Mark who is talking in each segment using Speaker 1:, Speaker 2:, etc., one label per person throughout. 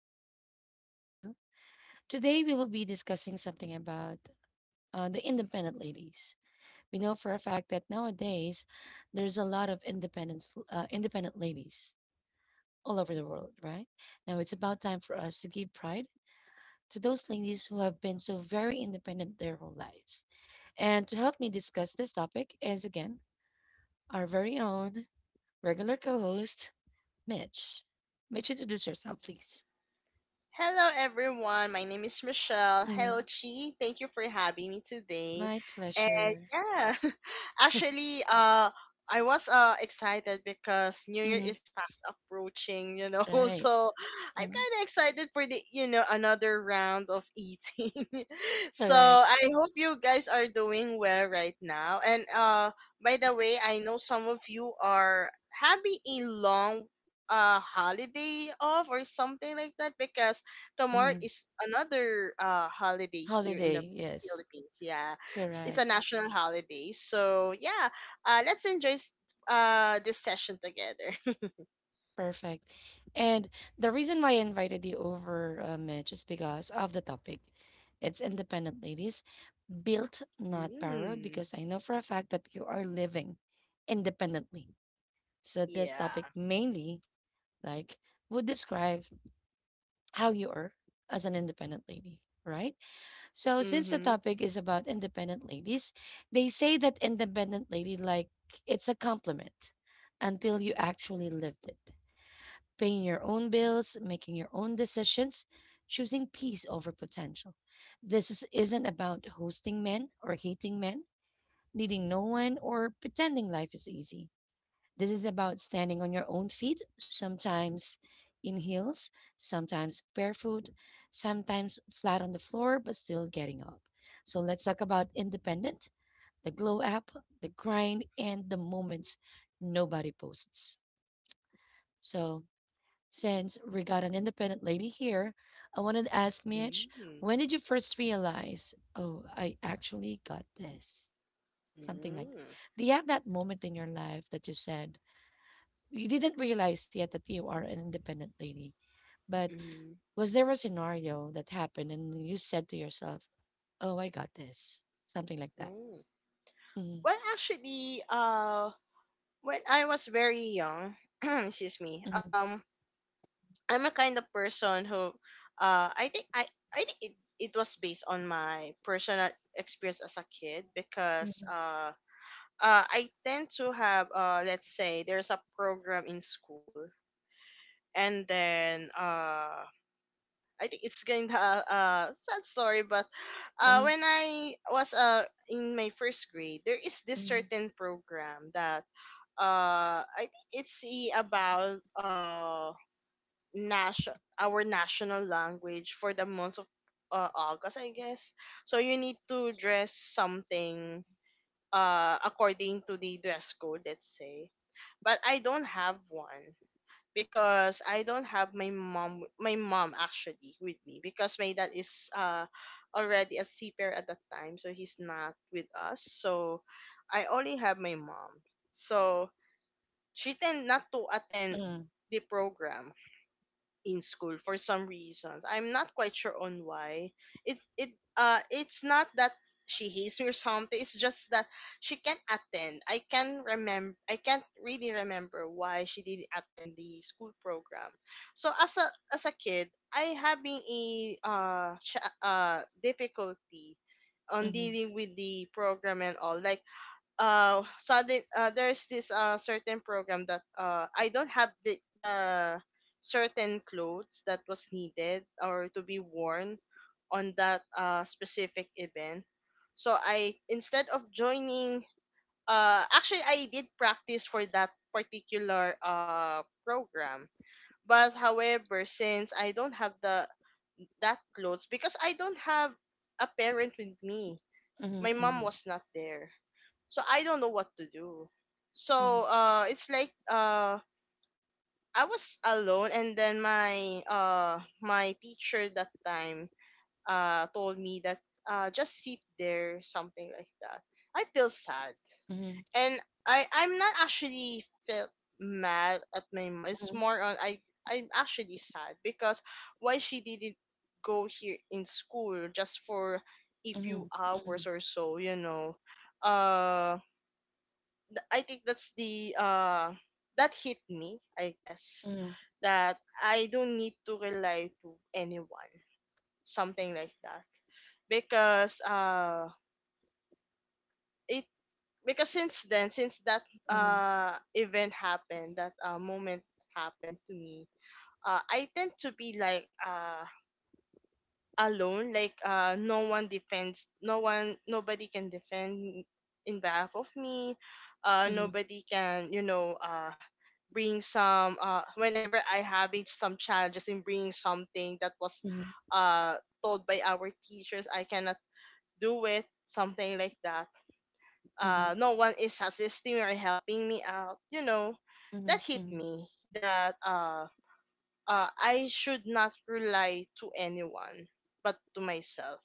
Speaker 1: G, Season 2. Today, we will be discussing something about the independent ladies. We know for a fact that nowadays there's a lot of independent ladies all over the world, right? Now, it's about time for us to give pride to those ladies who have been so very independent their whole lives. And to help me discuss this topic is, again, our very own regular co host, Mitch. Mitch, introduce yourself, please.
Speaker 2: Hello, everyone. My name is Michelle.
Speaker 1: Mm-hmm.
Speaker 2: Hello, Chi. Thank you for having me today.
Speaker 1: My
Speaker 2: And
Speaker 1: pleasure.
Speaker 2: yeah, actually, I was excited because New Year
Speaker 1: Mhm.
Speaker 2: is fast approaching,
Speaker 1: Right.
Speaker 2: So I'm
Speaker 1: Mm.
Speaker 2: kind of excited for the another round of eating. So
Speaker 1: Correct.
Speaker 2: I hope you guys are doing well right now. And by the way, I know some of you are having a long holiday off or something like that because tomorrow
Speaker 1: Mhm.
Speaker 2: is another holiday here in the
Speaker 1: Holiday. Yes.
Speaker 2: Philippines. Yeah, it's a
Speaker 1: Correct.
Speaker 2: national holiday. So yeah, let's enjoy this session together.
Speaker 1: Perfect. And the reason why I invited you over, Mitch, is because of the topic. It's independent ladies, built, not borrowed,
Speaker 2: Mm,
Speaker 1: because I know for a fact that you are living independently. So this topic
Speaker 2: yeah.
Speaker 1: mainly like would describe how you are as an independent lady, right? So, since the
Speaker 2: Mm-hmm.
Speaker 1: topic is about independent ladies, they say that independent lady, like, it's a compliment until you actually lived it. Paying your own bills, making your own decisions, choosing peace over potential. This isn't about hosting men or hating men, needing no one, or pretending life is easy. This is about standing on your own feet, sometimes in heels, sometimes barefoot, sometimes flat on the floor, but still getting up. So let's talk about independent, the glow up, the grind, and the moments nobody posts. So, since we got an independent lady here, I wanted to ask Mitch,
Speaker 2: Mm-hmm.
Speaker 1: when did you first realize, oh, I actually got this? Something like that.
Speaker 2: Mm-hmm.
Speaker 1: Do you have that moment in your life that you said, you didn't realize yet that you are an independent lady. But
Speaker 2: Mm-hmm.
Speaker 1: was there a scenario that happened and you said to yourself, "Oh, I got this," something like that? Mhm,
Speaker 2: Well, actually, uh, when I was very young, excuse me,
Speaker 1: mhm,
Speaker 2: I'm a kind of person who, uh, I think I I think it was based on my personal experience as a kid because
Speaker 1: mhm,
Speaker 2: uh, uh I tend to have let's say there's a program in school and then I think it's kind of sad story but
Speaker 1: mhm,
Speaker 2: when I was in my first grade, there is this
Speaker 1: mhm,
Speaker 2: certain program that I think it's about nation, our national language for the month of August, I guess. So you need to dress something according to the dress code, let's say. But I don't have one because I don't have my mom actually with me because my dad is already a seafarer at that time, so he's not with us. So I only have my mom. So she tend not to attend
Speaker 1: mhm,
Speaker 2: the program in school for some reasons. I'm not quite sure on why. It it's not that she hates me or something. It's just that she can't attend. I can't really remember why she didn't attend the school program. So as a kid, I having a difficulty on
Speaker 1: mhm,
Speaker 2: dealing with the program and all like sudden there's this certain program that I don't have the certain clothes that was needed or to be worn on that specific event. So I instead of joining, actually I did practice for that particular program. But however, since I don't have the that clothes because I don't have a parent with me. My mom
Speaker 1: mhm,
Speaker 2: was not there, so I don't know what to do.
Speaker 1: mhm,
Speaker 2: So it's like I was alone, and then my teacher that time told me that just sit there, something like that. I feel sad,
Speaker 1: mhm,
Speaker 2: and I'm not actually felt mad at my mom. It's
Speaker 1: mhm,
Speaker 2: more on I'm actually sad because why she didn't go here in school just for a
Speaker 1: mhm,
Speaker 2: few
Speaker 1: mhm,
Speaker 2: hours or so, you know. Um I think that's the that hit me, I guess.
Speaker 1: mhm,
Speaker 2: That I don't need to rely to anyone. Something like that. Because uh it because since then, since that
Speaker 1: mhm,
Speaker 2: event happened, that moment happened to me, I tend to be like alone, like no one, nobody can defend in behalf of me,
Speaker 1: mhm,
Speaker 2: nobody can bring some whenever I having some challenges in bringing something that was uh told by our teachers, I cannot do it, something like that.
Speaker 1: mhm,
Speaker 2: No one is assisting or helping me out, you know.
Speaker 1: mhm,
Speaker 2: That hit
Speaker 1: mhm,
Speaker 2: me, that I should not rely to anyone but to myself.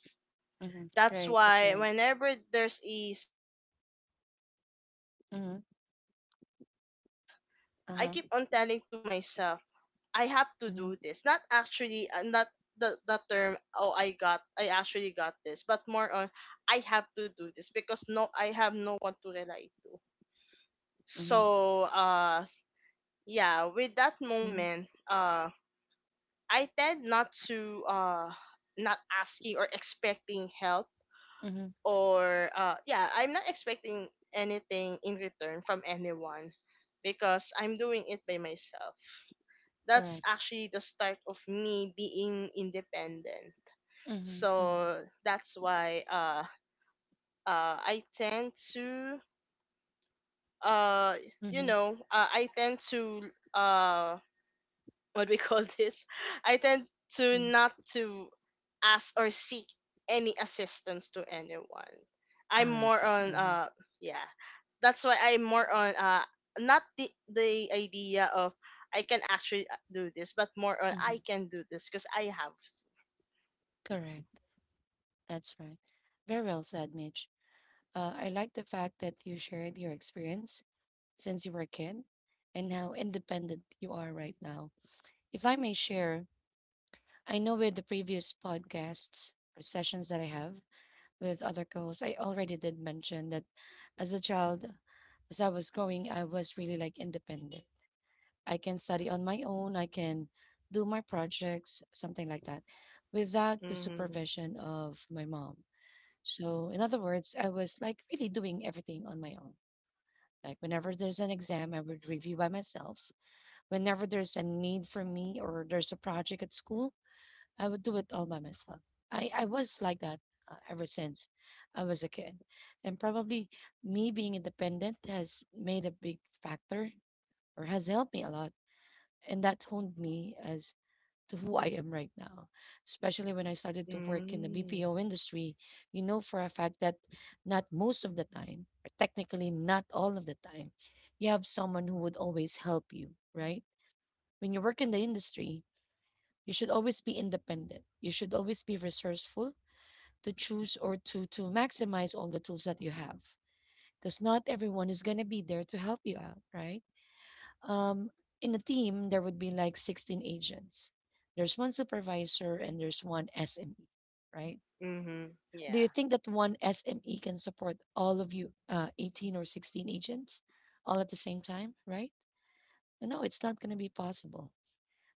Speaker 1: mhm.
Speaker 2: That's
Speaker 1: Right, that's
Speaker 2: why
Speaker 1: right.
Speaker 2: whenever there's a certain moments that I
Speaker 1: Mhm,
Speaker 2: need to do this and that, I
Speaker 1: uh-huh,
Speaker 2: keep on telling to myself, I have to do
Speaker 1: mhm,
Speaker 2: this. Not actually, not the term, oh, I actually got this, but more on, I have to do this because no, I have no one to rely to.
Speaker 1: mhm,
Speaker 2: So, yeah, with that
Speaker 1: mhm,
Speaker 2: moment, I tend not to, not asking or expecting help
Speaker 1: mhm.
Speaker 2: or yeah, I'm not expecting anything in return from anyone because I'm doing it by myself. That's
Speaker 1: Correct.
Speaker 2: actually the start of me being independent.
Speaker 1: Mhm, mhm,
Speaker 2: So that's why I tend to uh,
Speaker 1: mhm,
Speaker 2: I tend to uh, what we call this, I tend to
Speaker 1: mhm.
Speaker 2: not to ask or seek any assistance to anyone. I'm
Speaker 1: Ah, I
Speaker 2: more
Speaker 1: see.
Speaker 2: on
Speaker 1: Uh-huh.
Speaker 2: yeah. That's why I'm more on not the idea of I can actually, do this, but more on
Speaker 1: Mhm.
Speaker 2: I can do this because I have.
Speaker 1: Correct. That's right. Very well said, Mitch. I like the fact that you shared your experience since you were a kid and how independent you are right now. If I may share, I know with the previous podcasts or sessions that I have with other co hosts, I already did mention that as a child, as I was growing, I was really like independent. I can study on my own, I can do my projects, something like that, without the
Speaker 2: Mhm.
Speaker 1: supervision of my mom. So, in other words, I was like really doing everything on my own. Like, whenever there's an exam, I would review by myself. Whenever there's a need for me or there's a project at school, I would do it all by myself. I was like that ever since I was a kid. And probably me being independent has made a big factor or has helped me a lot. And that honed me as to who I am right now. Especially when I started to work in the
Speaker 2: Mm.
Speaker 1: BPO industry, you know for a fact that not most of the time, or technically not all of the time, you have someone who would always help you, right? When you work in the industry, you should always be independent. You should always be resourceful to choose or to maximize all the tools that you have because not everyone is going to be there to help you out, right? Um, in a team, there would be like 16 agents. There's one supervisor and there's one SME, right?
Speaker 2: Mhm.
Speaker 1: Do you
Speaker 2: Yeah.
Speaker 1: think that one SME can support all of you, 18 or 16 agents, all at the same time, right? No, it's not going to be possible.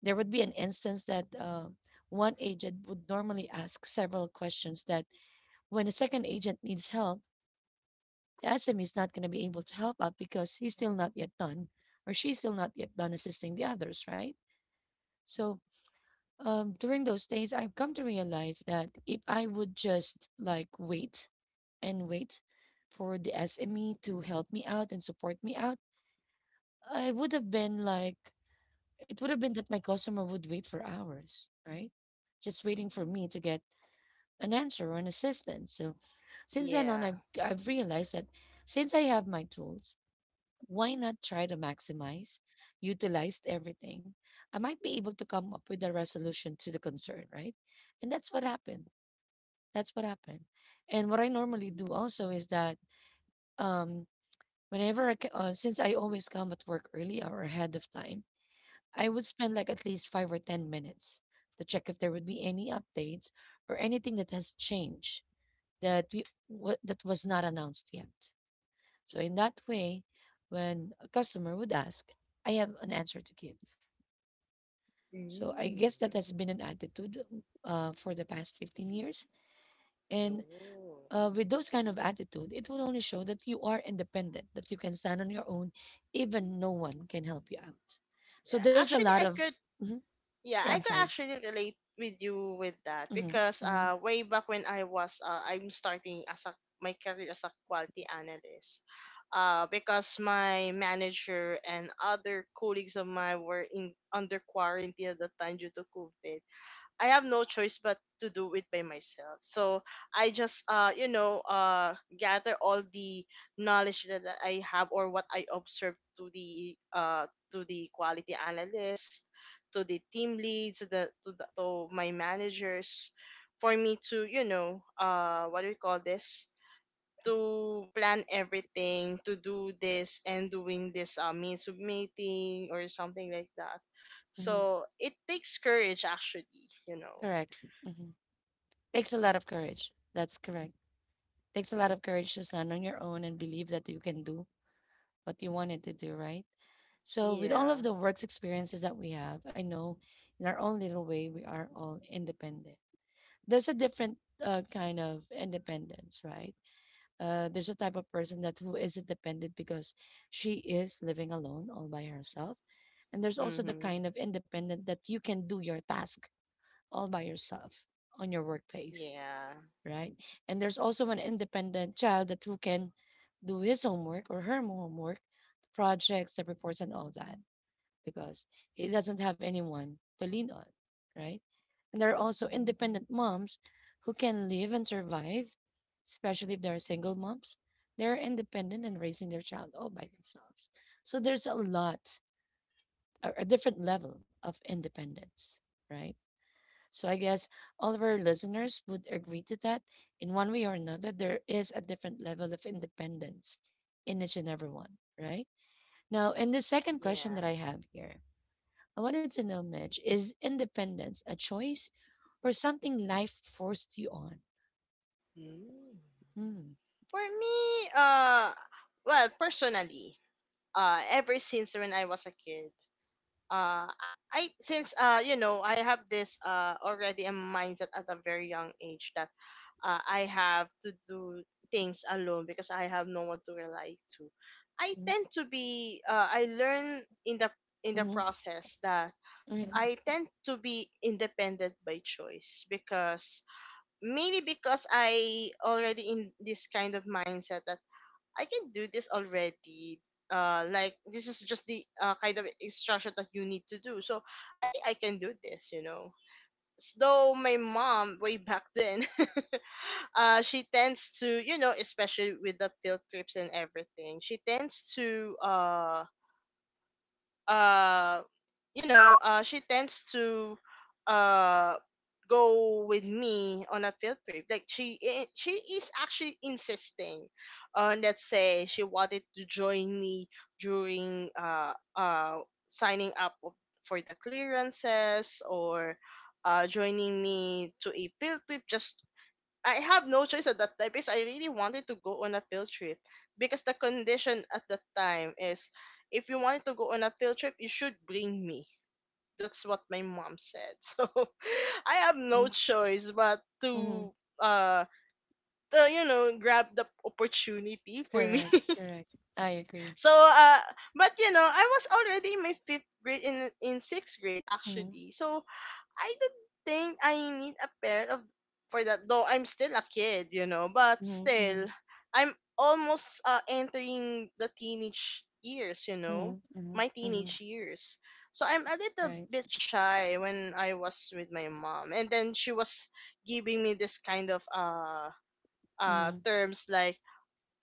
Speaker 1: There would be an instance that one agent would normally ask several questions that when a second agent needs help, the SME is not going to be able to help out because he's still not yet done or she's still not yet done assisting the others, right? So during those days, I've come to realize that if I would just like wait and wait for the SME to help me out and support me out, I would have been like, it would have been that my customer would wait for hours, right? Just waiting for me to get an answer or an assistance. So since then on,
Speaker 2: Yeah.
Speaker 1: I've realized that since I have my tools, why not try to maximize, utilize everything? I might be able to come up with a resolution to the concern, right? And that's what happened. That's what happened. And what I normally do also is that um, since I always come at work early or ahead of time, I would spend like at least 5 or 10 minutes to check if there would be any updates or anything that has changed that we what that was not announced yet, so in that way, when a customer would ask, I have an answer to give. So I guess
Speaker 2: Mm.
Speaker 1: that has been an attitude for the past 15 years. And
Speaker 2: No.
Speaker 1: with those kind of attitude, it will only show that you are independent, that you can stand on your own, even no one can help you out.
Speaker 2: Yeah.
Speaker 1: So there's a
Speaker 2: Actually,
Speaker 1: lot
Speaker 2: I
Speaker 1: of.
Speaker 2: could
Speaker 1: Mhm.
Speaker 2: Yeah,
Speaker 1: Yeah,
Speaker 2: I
Speaker 1: I'm
Speaker 2: could
Speaker 1: sorry.
Speaker 2: actually relate with you with that
Speaker 1: Hmm.
Speaker 2: because
Speaker 1: Hmm.
Speaker 2: uh, way back when I was I'm starting as a my career as a quality analyst, because my manager and other colleagues of mine were in under quarantine at the time due to COVID. I have no choice but to do it by myself. So I just gather all the knowledge that I have or what I observed to the to the quality analyst, to the team lead, to to my managers for me to, you know, what do we call this? To plan everything, to do this and doing this means of meeting or something like that.
Speaker 1: Hmm.
Speaker 2: So it takes courage actually, you know.
Speaker 1: Correct. Hmm. Takes a lot of courage. That's correct. Takes a lot of courage to stand on your own and believe that you can do what you wanted to do, right? So, with all of
Speaker 2: Yeah.
Speaker 1: the works experiences that we have, I know in our own little way, we are all independent. There's a different kind of independence, right? There's a type of person that who is isn't dependent because she is living alone all by herself. And there's also the
Speaker 2: Mhm.
Speaker 1: kind of independent that you can do your task all by yourself on your workplace,
Speaker 2: Yeah.
Speaker 1: right? And there's also an independent child that who can do his homework or her homework, projects, the reports, and all that because he doesn't have anyone to lean on, right? And there are also independent moms who can live and survive, especially if they're single moms. They're independent and raising their child all by themselves. So there's a lot, a different level of independence, right? So I guess all of our listeners would agree to that. In one way or another, there is a different level of independence in each and every one, right? Now, in the second question
Speaker 2: Yeah.
Speaker 1: that I have here, I wanted to know, Mitch, is independence a choice or something life forced you on?
Speaker 2: Mm.
Speaker 1: Mm,
Speaker 2: For me, uh, well, personally, ever since when I was a kid, I I have this already a mindset at a very young age that I have to do things alone because I have no one to rely to. I
Speaker 1: mm,
Speaker 2: tend to be I learn in the
Speaker 1: mhm,
Speaker 2: process that
Speaker 1: mhm,
Speaker 2: I tend to be independent by choice because mainly because I already in this kind of mindset that I can do this already. Like, this is just the kind of instruction that you need to do. So I think I can do this. You know, though my mom way back then, she tends to, you know, especially with the field trips and everything, she tends to uh she tends to uh go with me on a field trip, like she is actually insisting on, let's say, she wanted to join me during signing up for the clearances or joining me to a field trip. Just, I have no choice at that time because I really wanted to go on a field trip because the condition at that time is if you wanted to go on a field trip, you should bring me. That's what my mom said. So I have no
Speaker 1: mhm,
Speaker 2: choice but
Speaker 1: mhm.
Speaker 2: uh to, you know, grab the opportunity for me.
Speaker 1: Correct, correct. I agree.
Speaker 2: So but you know, I was already in my fifth grade, in sixth grade
Speaker 1: Mhm,
Speaker 2: actually. So I don't think I need a parent of for that. Though I'm still a kid, you know, but
Speaker 1: mhm,
Speaker 2: still,
Speaker 1: mhm,
Speaker 2: I'm almost entering the teenage years, you know,
Speaker 1: mhm, mhm,
Speaker 2: my
Speaker 1: mhm.
Speaker 2: teenage years. So I'm a little
Speaker 1: Right.
Speaker 2: bit shy when I was with my mom, and then she was giving me this kind of
Speaker 1: Mhm.
Speaker 2: terms like,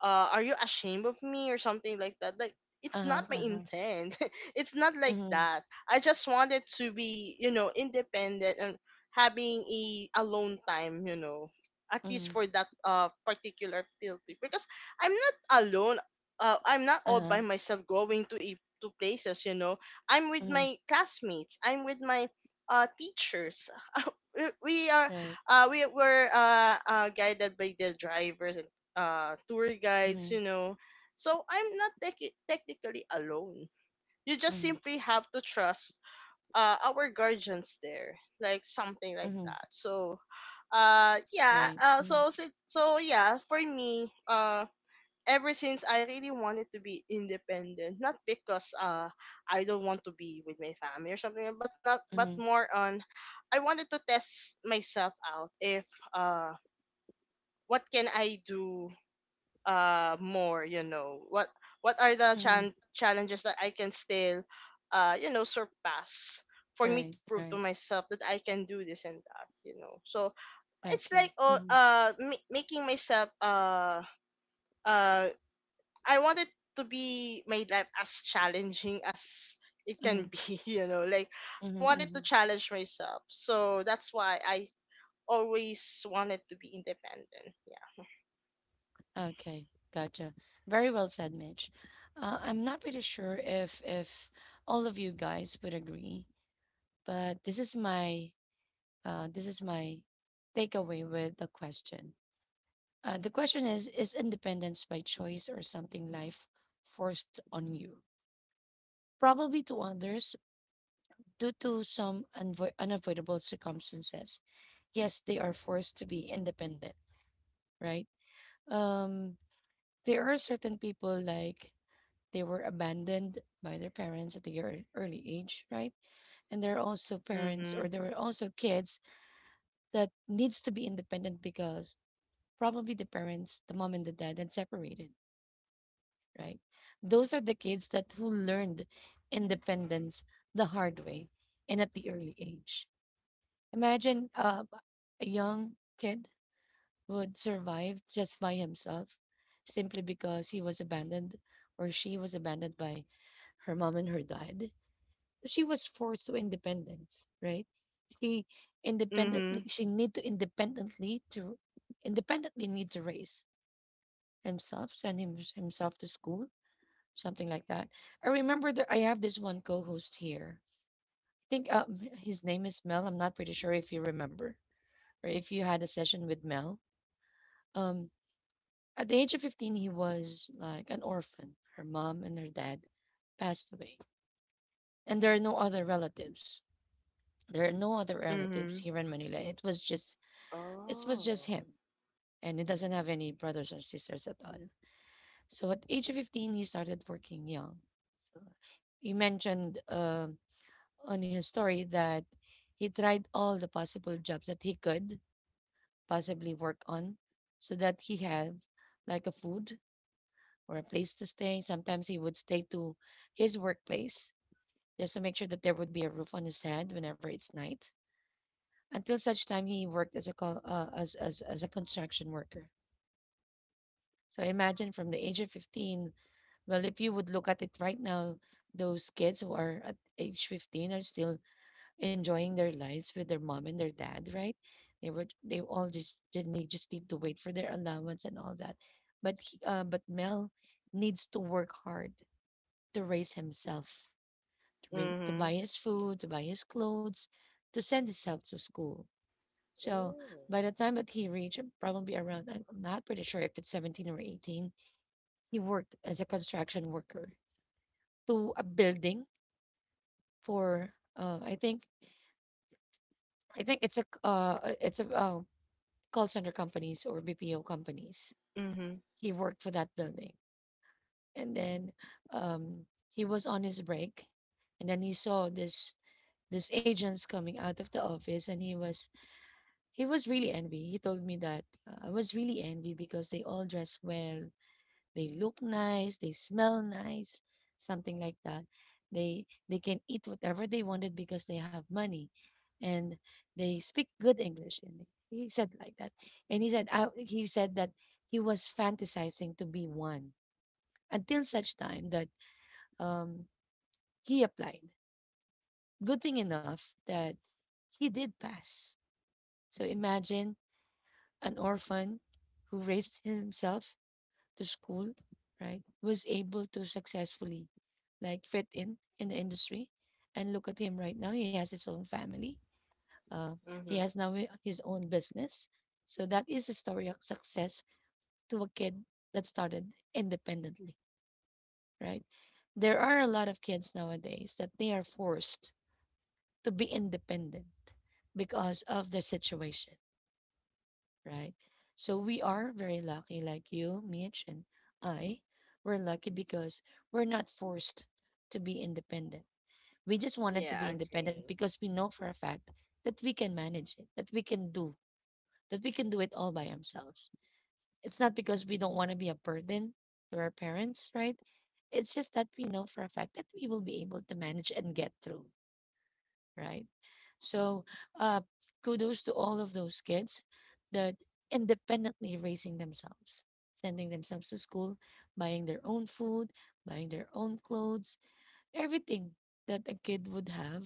Speaker 2: are you ashamed of me or something like that? Like, it's not
Speaker 1: Uh-huh,
Speaker 2: my
Speaker 1: uh-huh.
Speaker 2: intent. It's not like
Speaker 1: Mhm,
Speaker 2: that. I just wanted to be, you know, independent and having a alone time, you know, at least
Speaker 1: mhm,
Speaker 2: for that particular field trip because I'm not alone. I'm not all
Speaker 1: uh-huh,
Speaker 2: by myself going to to places, you know. I'm with
Speaker 1: mhm.
Speaker 2: my classmates. I'm with my teachers. we we are
Speaker 1: Right.
Speaker 2: uh we were guided by the drivers and tour guides, you
Speaker 1: Mhm,
Speaker 2: know. So I'm not technically alone, you just
Speaker 1: mhm,
Speaker 2: simply have to trust our guardians there, like something like
Speaker 1: mhm.
Speaker 2: that. So
Speaker 1: Right. Mhm,
Speaker 2: yeah, for me, ever since, I really wanted to be independent, not because I don't want to be with my family or something, but not but
Speaker 1: mhm,
Speaker 2: more on I wanted to test myself out if uh what can I do more, you know. What are the
Speaker 1: mhm.
Speaker 2: challenges that I can still surpass for me
Speaker 1: Right,
Speaker 2: to prove to
Speaker 1: right.
Speaker 2: myself that I can do this and that, you know. So it's
Speaker 1: Okay.
Speaker 2: like, oh,
Speaker 1: Mhm,
Speaker 2: making myself uh I want it to be made life as challenging as it
Speaker 1: mhm,
Speaker 2: can be, you know. Like,
Speaker 1: mhm,
Speaker 2: I wanted to
Speaker 1: mhm.
Speaker 2: challenge myself. So that's why I always wanted to be independent. Yeah.
Speaker 1: Okay, gotcha. Very well said, Mitch. I'm not pretty sure if all of you guys would agree, but this is my uh, this is my takeaway with the question. The question is independence by choice or something life forced on you? Probably to others due to some unavoidable circumstances. Yes, they are forced to be independent, right? Um, there are certain people like they were abandoned by their parents at a early age, right? And there are also parents
Speaker 2: Mhm.
Speaker 1: or there were also kids that needs to be independent because probably the parents, the mom and the dad had separated, right? Those are the kids that who learned independence the hard way and at the early age. Imagine a young kid would survive just by himself simply because he was abandoned or she was abandoned by her mom and her dad, she was forced to independence, right? She independently
Speaker 2: Mhm.
Speaker 1: she need to independently to independently need to raise himself to school, something like that. I remember that I have this one co-host here. I think his name is Mel. I'm not pretty sure if you remember or if you had a session with Mel. Um, at the age of 15, he was like an orphan. Her mom and her dad passed away, and there are no other relatives. There are no other relatives
Speaker 2: Mhm.
Speaker 1: here in Manila. It was just
Speaker 2: Oh.
Speaker 1: him, and he doesn't have any brothers or sisters at all. So at age of 15, he started working young. So he mentioned on his story that he tried all the possible jobs that he could possibly work on, so that he had like a food or a place to stay. Sometimes he would stay to his workplace just to make sure that there would be a roof on his head whenever it's night. Until such time, he worked as a co- as a construction worker. So imagine from the age of 15. Well, if you would look at it right now, those kids who are at age 15 are still enjoying their lives with their mom and their dad, right? They were they all just didn't they just need to wait for their allowance and all that. But Mel needs to work hard, to raise himself, to buy
Speaker 2: Mhm.
Speaker 1: his food, to buy his clothes, to send himself to school. So
Speaker 2: Ooh.
Speaker 1: by the time that he reached probably around, I'm not pretty sure if it's 17 or 18, he worked as a construction worker to a building for I think it's a uh, it's a uh, call center companies or BPO companies.
Speaker 2: Mhm.
Speaker 1: He worked for that building, and then um, he was on his break, and then he saw this agents coming out of the office, and he was really envy. He told me that I was really envy because they all dress well. They look nice, they smell nice, something like that. They can eat whatever they wanted because they have money, and they speak good English. And he said like that, and he said that he was fantasizing to be one until such time that um, he applied. Good thing enough that he did pass. So imagine an orphan who raised himself. The school, right, was able to successfully like fit in the industry. And look at him right now; he has his own family. Uh,
Speaker 2: Mhm.
Speaker 1: he has now his own business. So that is a story of success to a kid that started independently, right? There are a lot of kids nowadays that they are forced to be independent because of their situation, right? So we are very lucky, like you, Mitch, and I. We're lucky because we're not forced to be independent. We just wanted to
Speaker 2: Yeah, I
Speaker 1: be independent
Speaker 2: agree.
Speaker 1: because we know for a fact that we can manage it, that we can do, that we can do it all by ourselves. It's not because we don't want to be a burden to our parents, right? It's just that we know for a fact that we will be able to manage and get through, right? So, uh, kudos to all of those kids that independently raising themselves, sending themselves to school, buying their own food, buying their own clothes, everything that a kid would have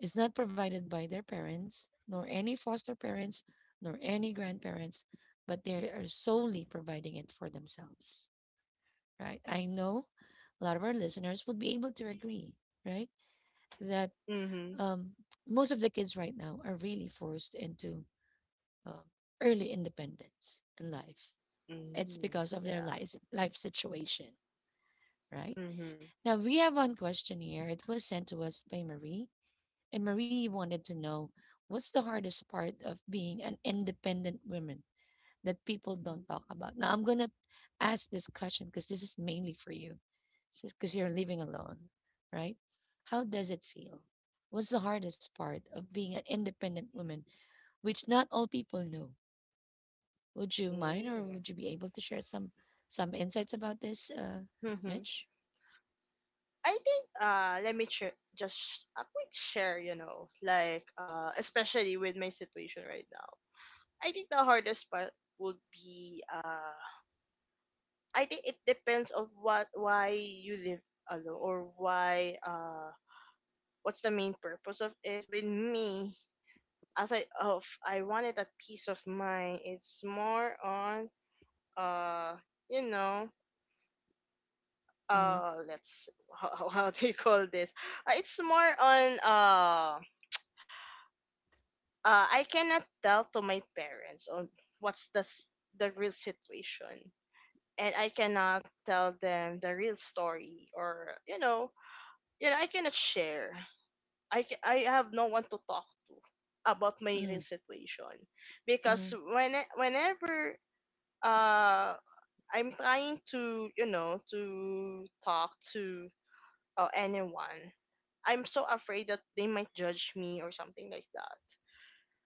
Speaker 1: is not provided by their parents, nor any foster parents, nor any grandparents, but they are solely providing it for themselves, right? I know a lot of our listeners would be able to agree, right? That
Speaker 2: Mhm.
Speaker 1: um, most of the kids right now are really forced into um early independence in life. It's
Speaker 2: Mhm.
Speaker 1: because of their
Speaker 2: Yeah.
Speaker 1: life situation, right?
Speaker 2: Mhm.
Speaker 1: Now, we have one question here. It was sent to us by Marie, and Marie wanted to know what's the hardest part of being an independent woman that people don't talk about. Now I'm gonna ask this question because this is mainly for you, because you're living alone, right? How does it feel? What's the hardest part of being an independent woman, which not all people know? Would you mind, or
Speaker 2: Mm.
Speaker 1: would you be able to share some insights about this, Mitch?
Speaker 2: I think let me just a quick share, you know, like especially with my situation right now. I think the hardest part would be I think it depends on what why you live alone or why what's the main purpose of it with me as I wanted a peace of mind. It's more on uh you know
Speaker 1: Mm-hmm.
Speaker 2: let's how do you call this? It's more on I cannot tell to my parents on what's the s- the real situation, and I cannot tell them the real story, or I cannot share. I have no one to talk to about my
Speaker 1: Mm,
Speaker 2: real situation
Speaker 1: mm,
Speaker 2: because whenever uh I'm trying to to talk to anyone. I'm so afraid that they might judge me or something like that.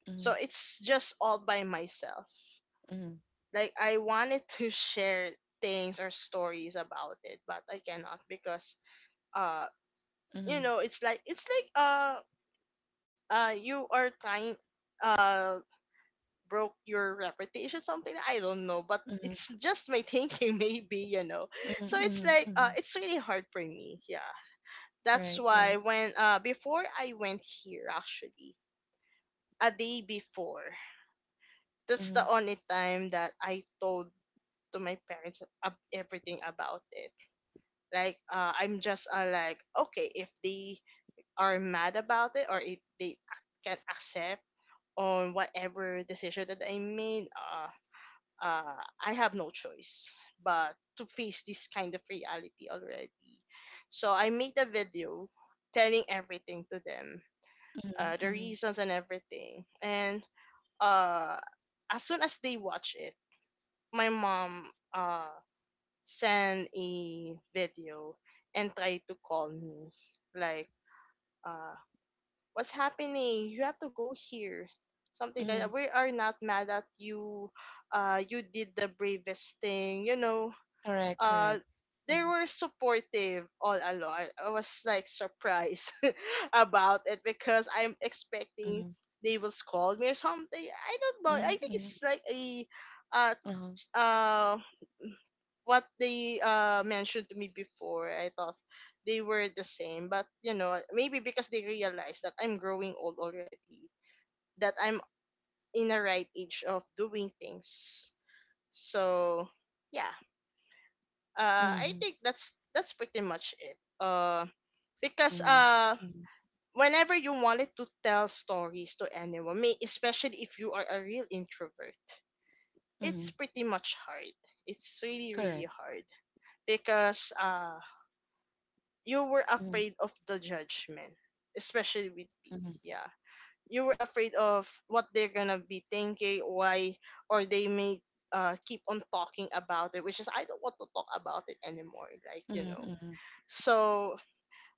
Speaker 1: mm,
Speaker 2: So it's just all by myself.
Speaker 1: mm,
Speaker 2: Like I wanted to share things or stories about it, but I cannot because uh you
Speaker 1: mm,
Speaker 2: know, it's like you are trying uh broke your reputation, something I don't know, but
Speaker 1: mm,
Speaker 2: it's just my thinking maybe, you know.
Speaker 1: mm,
Speaker 2: So
Speaker 1: mm,
Speaker 2: it's like
Speaker 1: mm.
Speaker 2: uh it's really hard for me, yeah.
Speaker 1: Right,
Speaker 2: That's
Speaker 1: right.
Speaker 2: why when before I went here, actually, a day before, that's
Speaker 1: Mm,
Speaker 2: the only time that I told to my parents everything about it. Like I'm just like okay, if they are mad about it or if they can accept on whatever decision that I made, uh, I have no choice but to face this kind of reality already. So I made a video telling everything to them,
Speaker 1: mm,
Speaker 2: the
Speaker 1: mm,
Speaker 2: reasons and everything. And uh, as soon as they watch it, my mom, send a video and try to call me, like, uh what's happening, you have to go here, something like
Speaker 1: mm.
Speaker 2: that. We are not mad at you. You did the bravest thing, you know.
Speaker 1: Correct, correct.
Speaker 2: uh they were supportive all along. I was like surprised about it because I'm expecting
Speaker 1: Mm,
Speaker 2: they will scold me or something. I don't know, I
Speaker 1: Mm,
Speaker 2: think
Speaker 1: mm,
Speaker 2: it's like a uh
Speaker 1: uh-huh,
Speaker 2: uh what they mentioned to me before, I thought they were the same. But you know, maybe because they realize that I'm growing old already, that I'm in a right age of doing things. So yeah, I
Speaker 1: mhm,
Speaker 2: think that's pretty much it. Because
Speaker 1: mhm, mhm,
Speaker 2: whenever you wanted to tell stories to anyone, may especially if you are a real introvert,
Speaker 1: mhm,
Speaker 2: it's pretty much hard. It's really
Speaker 1: correct.
Speaker 2: really hard because you were
Speaker 1: Mhm,
Speaker 2: afraid of the judgment, especially with me.
Speaker 1: mhm,
Speaker 2: Yeah, you were afraid of what they're gonna be thinking, why, or they may keep on talking about it, which is I don't want to talk about it anymore. Like, you
Speaker 1: mhm,
Speaker 2: know.
Speaker 1: mhm,
Speaker 2: So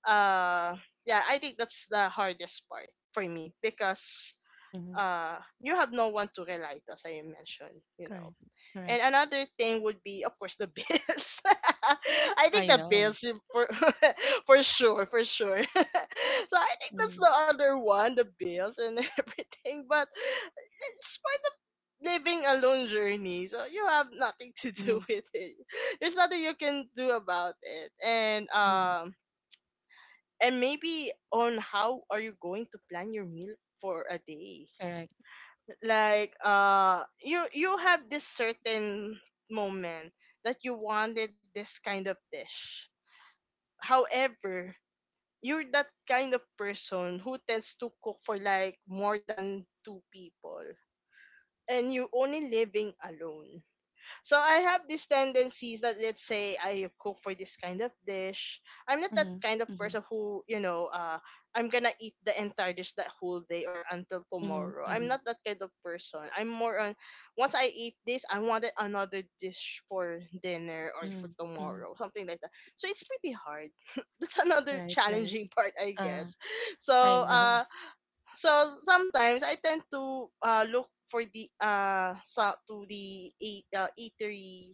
Speaker 2: uh yeah, I think that's the hardest part for me because
Speaker 1: mhm,
Speaker 2: uh you have no one to rely to, as I mentioned, you
Speaker 1: correct,
Speaker 2: know. And
Speaker 1: correct.
Speaker 2: another thing would be, of course, the bills. I
Speaker 1: I
Speaker 2: think the
Speaker 1: know.
Speaker 2: bills for for sure, for sure. So I think that's
Speaker 1: Mm,
Speaker 2: the other one, the bills and everything. But it's part of living a lone journey. So you have nothing to
Speaker 1: mhm,
Speaker 2: do with it. There's nothing you can do about it.
Speaker 1: mhm,
Speaker 2: And maybe on how are you going to plan your meal for a day.
Speaker 1: correct.
Speaker 2: Like you you have this certain moment that you wanted this kind of dish. However, you're that kind of person who tends to cook for like more than two people, and you only living alone. So I have these tendencies that, let's say, I cook for this kind of dish. I'm not that
Speaker 1: Mhm,
Speaker 2: kind of
Speaker 1: mhm,
Speaker 2: person who, I'm gonna eat the entire dish that whole day or until
Speaker 1: mhm,
Speaker 2: tomorrow. I'm
Speaker 1: mhm,
Speaker 2: not that kind of person. I'm more on once I eat this, I wanted another dish for dinner or for
Speaker 1: mhm, mhm,
Speaker 2: tomorrow, something like that. So it's pretty hard. That's another
Speaker 1: right, right.
Speaker 2: challenging part, I
Speaker 1: Uh,
Speaker 2: guess.
Speaker 1: I
Speaker 2: So
Speaker 1: know.
Speaker 2: so sometimes I tend to look for the so to the eat, eatery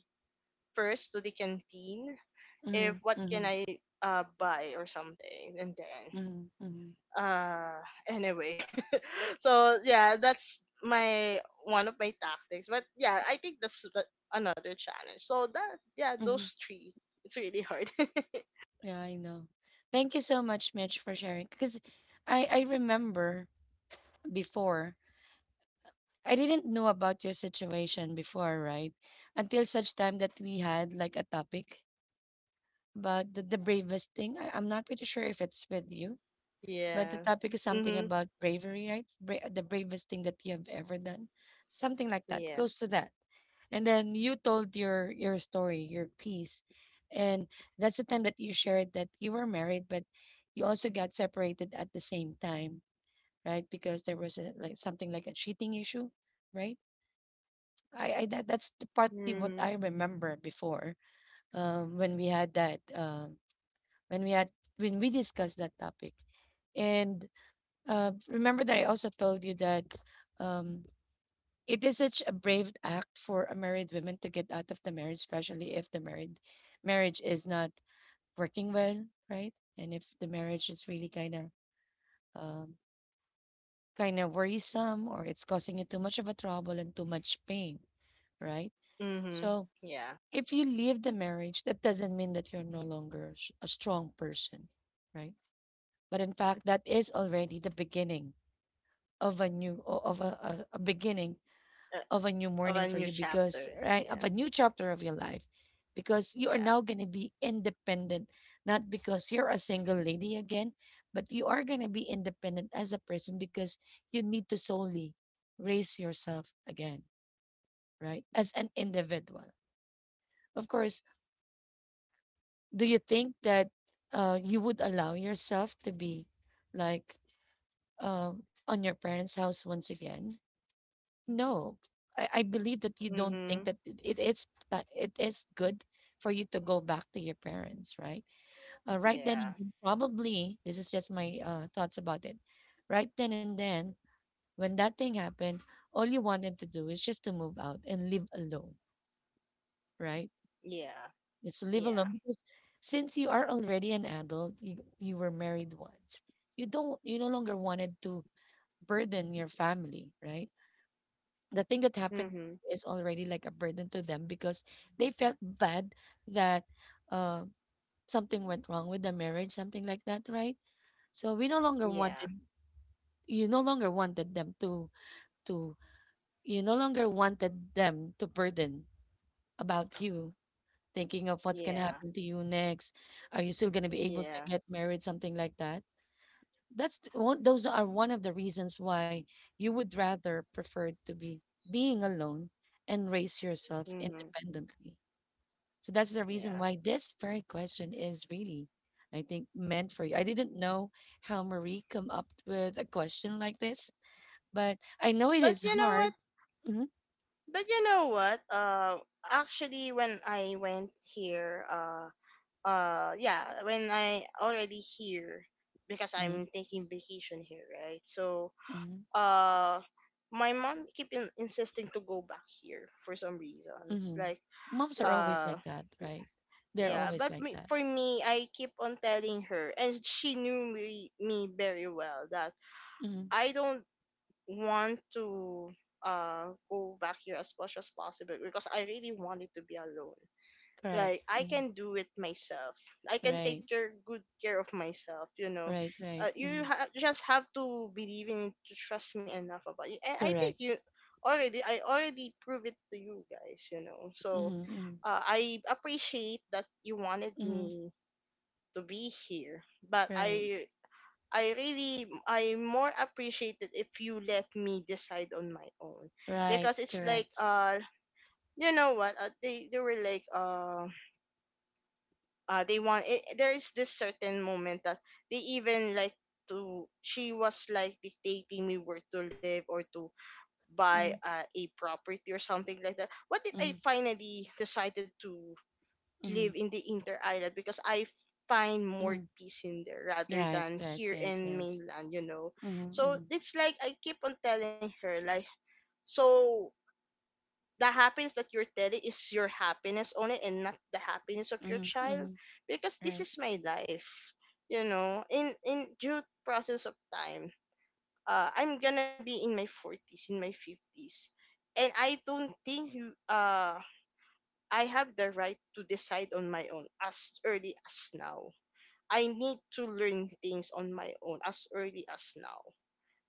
Speaker 2: first to the canteen if
Speaker 1: Mhm,
Speaker 2: what can
Speaker 1: mhm,
Speaker 2: I buy or something. And then
Speaker 1: mhm, mhm,
Speaker 2: uh anyway so yeah, that's my one of my tactics. But yeah, I think that's the- another challenge, so that yeah,
Speaker 1: mhm,
Speaker 2: those three, it's really hard.
Speaker 1: yeah, I know. Thank you so much, Mitch, for sharing. Because I remember before. I didn't know about your situation before, right? Until such time that we had like a topic about the bravest thing. I'm not pretty sure if it's with you, but the
Speaker 2: Yeah.
Speaker 1: topic is something
Speaker 2: Mhm.
Speaker 1: about bravery, right? The bravest thing that you have ever done, something like that,
Speaker 2: Yeah.
Speaker 1: close to that. And then you told your story, your piece, and that's the time that you shared that you were married, but you also got separated at the same time, right? Because there was a, like something like a cheating issue, right? That's the partly what
Speaker 2: Mhm.
Speaker 1: I remember before um, when we had that um, when we had when we discussed that topic, and remember that I also told you that um, it is such a brave act for a married woman to get out of the marriage, especially if the married marriage is not working well, right? And if the marriage is really um, kind of worrisome or it's causing you too much of a trouble and too much pain, right?
Speaker 2: Mhm.
Speaker 1: So
Speaker 2: Yeah.
Speaker 1: if you leave the marriage, that doesn't mean that you're no longer a strong person, right? But in fact, that is already the beginning of a beginning
Speaker 2: uh,
Speaker 1: of a new
Speaker 2: of
Speaker 1: morning
Speaker 2: a
Speaker 1: for
Speaker 2: new
Speaker 1: you because
Speaker 2: chapter.
Speaker 1: right of
Speaker 2: Yeah.
Speaker 1: a new chapter of your life because you are
Speaker 2: Yeah.
Speaker 1: now going to be independent, not because you're a single lady again, but you are going to be independent as a person because you need to solely raise yourself again, right, as an individual. Of course, do you think that you would allow yourself to be like uh, on your parents' house once again? No, I believe that you don't think
Speaker 2: Mhm.
Speaker 1: that it is good for you to go back to your parents, right? Right then
Speaker 2: Yeah.
Speaker 1: and then, probably this is just my thoughts about it. Right then and then, when that thing happened, all you wanted to do is just to move out and live alone, right?
Speaker 2: Yeah.
Speaker 1: Just live
Speaker 2: Yeah.
Speaker 1: alone because since you are already an adult, you were married once. You no longer wanted to burden your family, right? The thing that happened
Speaker 2: Mhm.
Speaker 1: is already like a burden to them because they felt bad that uh, something went wrong with the marriage, something like that, right? So we no longer
Speaker 2: Yeah,
Speaker 1: wanted you no longer wanted them to you no longer wanted them to burden about you, thinking of what's going to
Speaker 2: yeah,
Speaker 1: happen to you next. Are you still going to be able to
Speaker 2: yeah,
Speaker 1: get married? Something like that. Those are one of the reasons why you would rather prefer to be being alone and raise yourself
Speaker 2: hmm,
Speaker 1: independently. So that's the reason
Speaker 2: yeah.
Speaker 1: why this very question is really, I think, meant for you. I didn't know how Marie come up with a question like this, but I know it
Speaker 2: But
Speaker 1: is
Speaker 2: you know what?
Speaker 1: hard. Hmm,
Speaker 2: But you know what? Actually, when I went here, yeah, when I already here because
Speaker 1: hmm,
Speaker 2: I'm taking vacation here, right? So,
Speaker 1: hmm,
Speaker 2: uh, my mom keep insisting to go back here for some reasons,
Speaker 1: hmm.
Speaker 2: like
Speaker 1: Moms are always
Speaker 2: uh
Speaker 1: like that, right? They're
Speaker 2: yeah.
Speaker 1: always
Speaker 2: But
Speaker 1: like
Speaker 2: me,
Speaker 1: that.
Speaker 2: for me, I keep on telling her, and she knew me, very well, that
Speaker 1: Mm-hmm.
Speaker 2: I don't want to go back here as much as possible because I really wanted to be alone.
Speaker 1: Correct.
Speaker 2: Like I
Speaker 1: Mm.
Speaker 2: can do it myself. I can take
Speaker 1: Right.
Speaker 2: care, good care of myself. You know,
Speaker 1: Right. Right.
Speaker 2: you
Speaker 1: Mm.
Speaker 2: just have to believe in it to trust me enough about it. And I think
Speaker 1: Correct.
Speaker 2: I already proved it to you guys. You know, so
Speaker 1: Mm-hmm. Mm-hmm.
Speaker 2: I appreciate that you wanted
Speaker 1: Mm-hmm.
Speaker 2: me to be here. But
Speaker 1: Right.
Speaker 2: I really I more appreciate it if you let me decide on my own
Speaker 1: Right.
Speaker 2: because it's like
Speaker 1: Correct.
Speaker 2: uh you know what, they were like they want it. There is this certain moment that they even like to, she was like dictating me where to live or to buy
Speaker 1: Mm-hmm.
Speaker 2: a property or something like that. What if
Speaker 1: Mm-hmm.
Speaker 2: I finally decided to
Speaker 1: Mm-hmm.
Speaker 2: live in the inter island because I find more
Speaker 1: Mm-hmm.
Speaker 2: peace in there rather
Speaker 1: Yes.
Speaker 2: than
Speaker 1: Yes.
Speaker 2: here
Speaker 1: Yes.
Speaker 2: in
Speaker 1: Yes.
Speaker 2: mainland, you know.
Speaker 1: Mm-hmm. Mm-hmm.
Speaker 2: So it's like I keep on telling her, like, so the happiness that you're telling is your happiness only and not the happiness of your
Speaker 1: Mm-hmm. Mm-hmm.
Speaker 2: child because
Speaker 1: Right.
Speaker 2: this is my life, you know. In due process of time, I'm gonna be in my forties, in my fifties. And I don't think you I have the right to decide on my own as early as now. I need to learn things on my own as early as now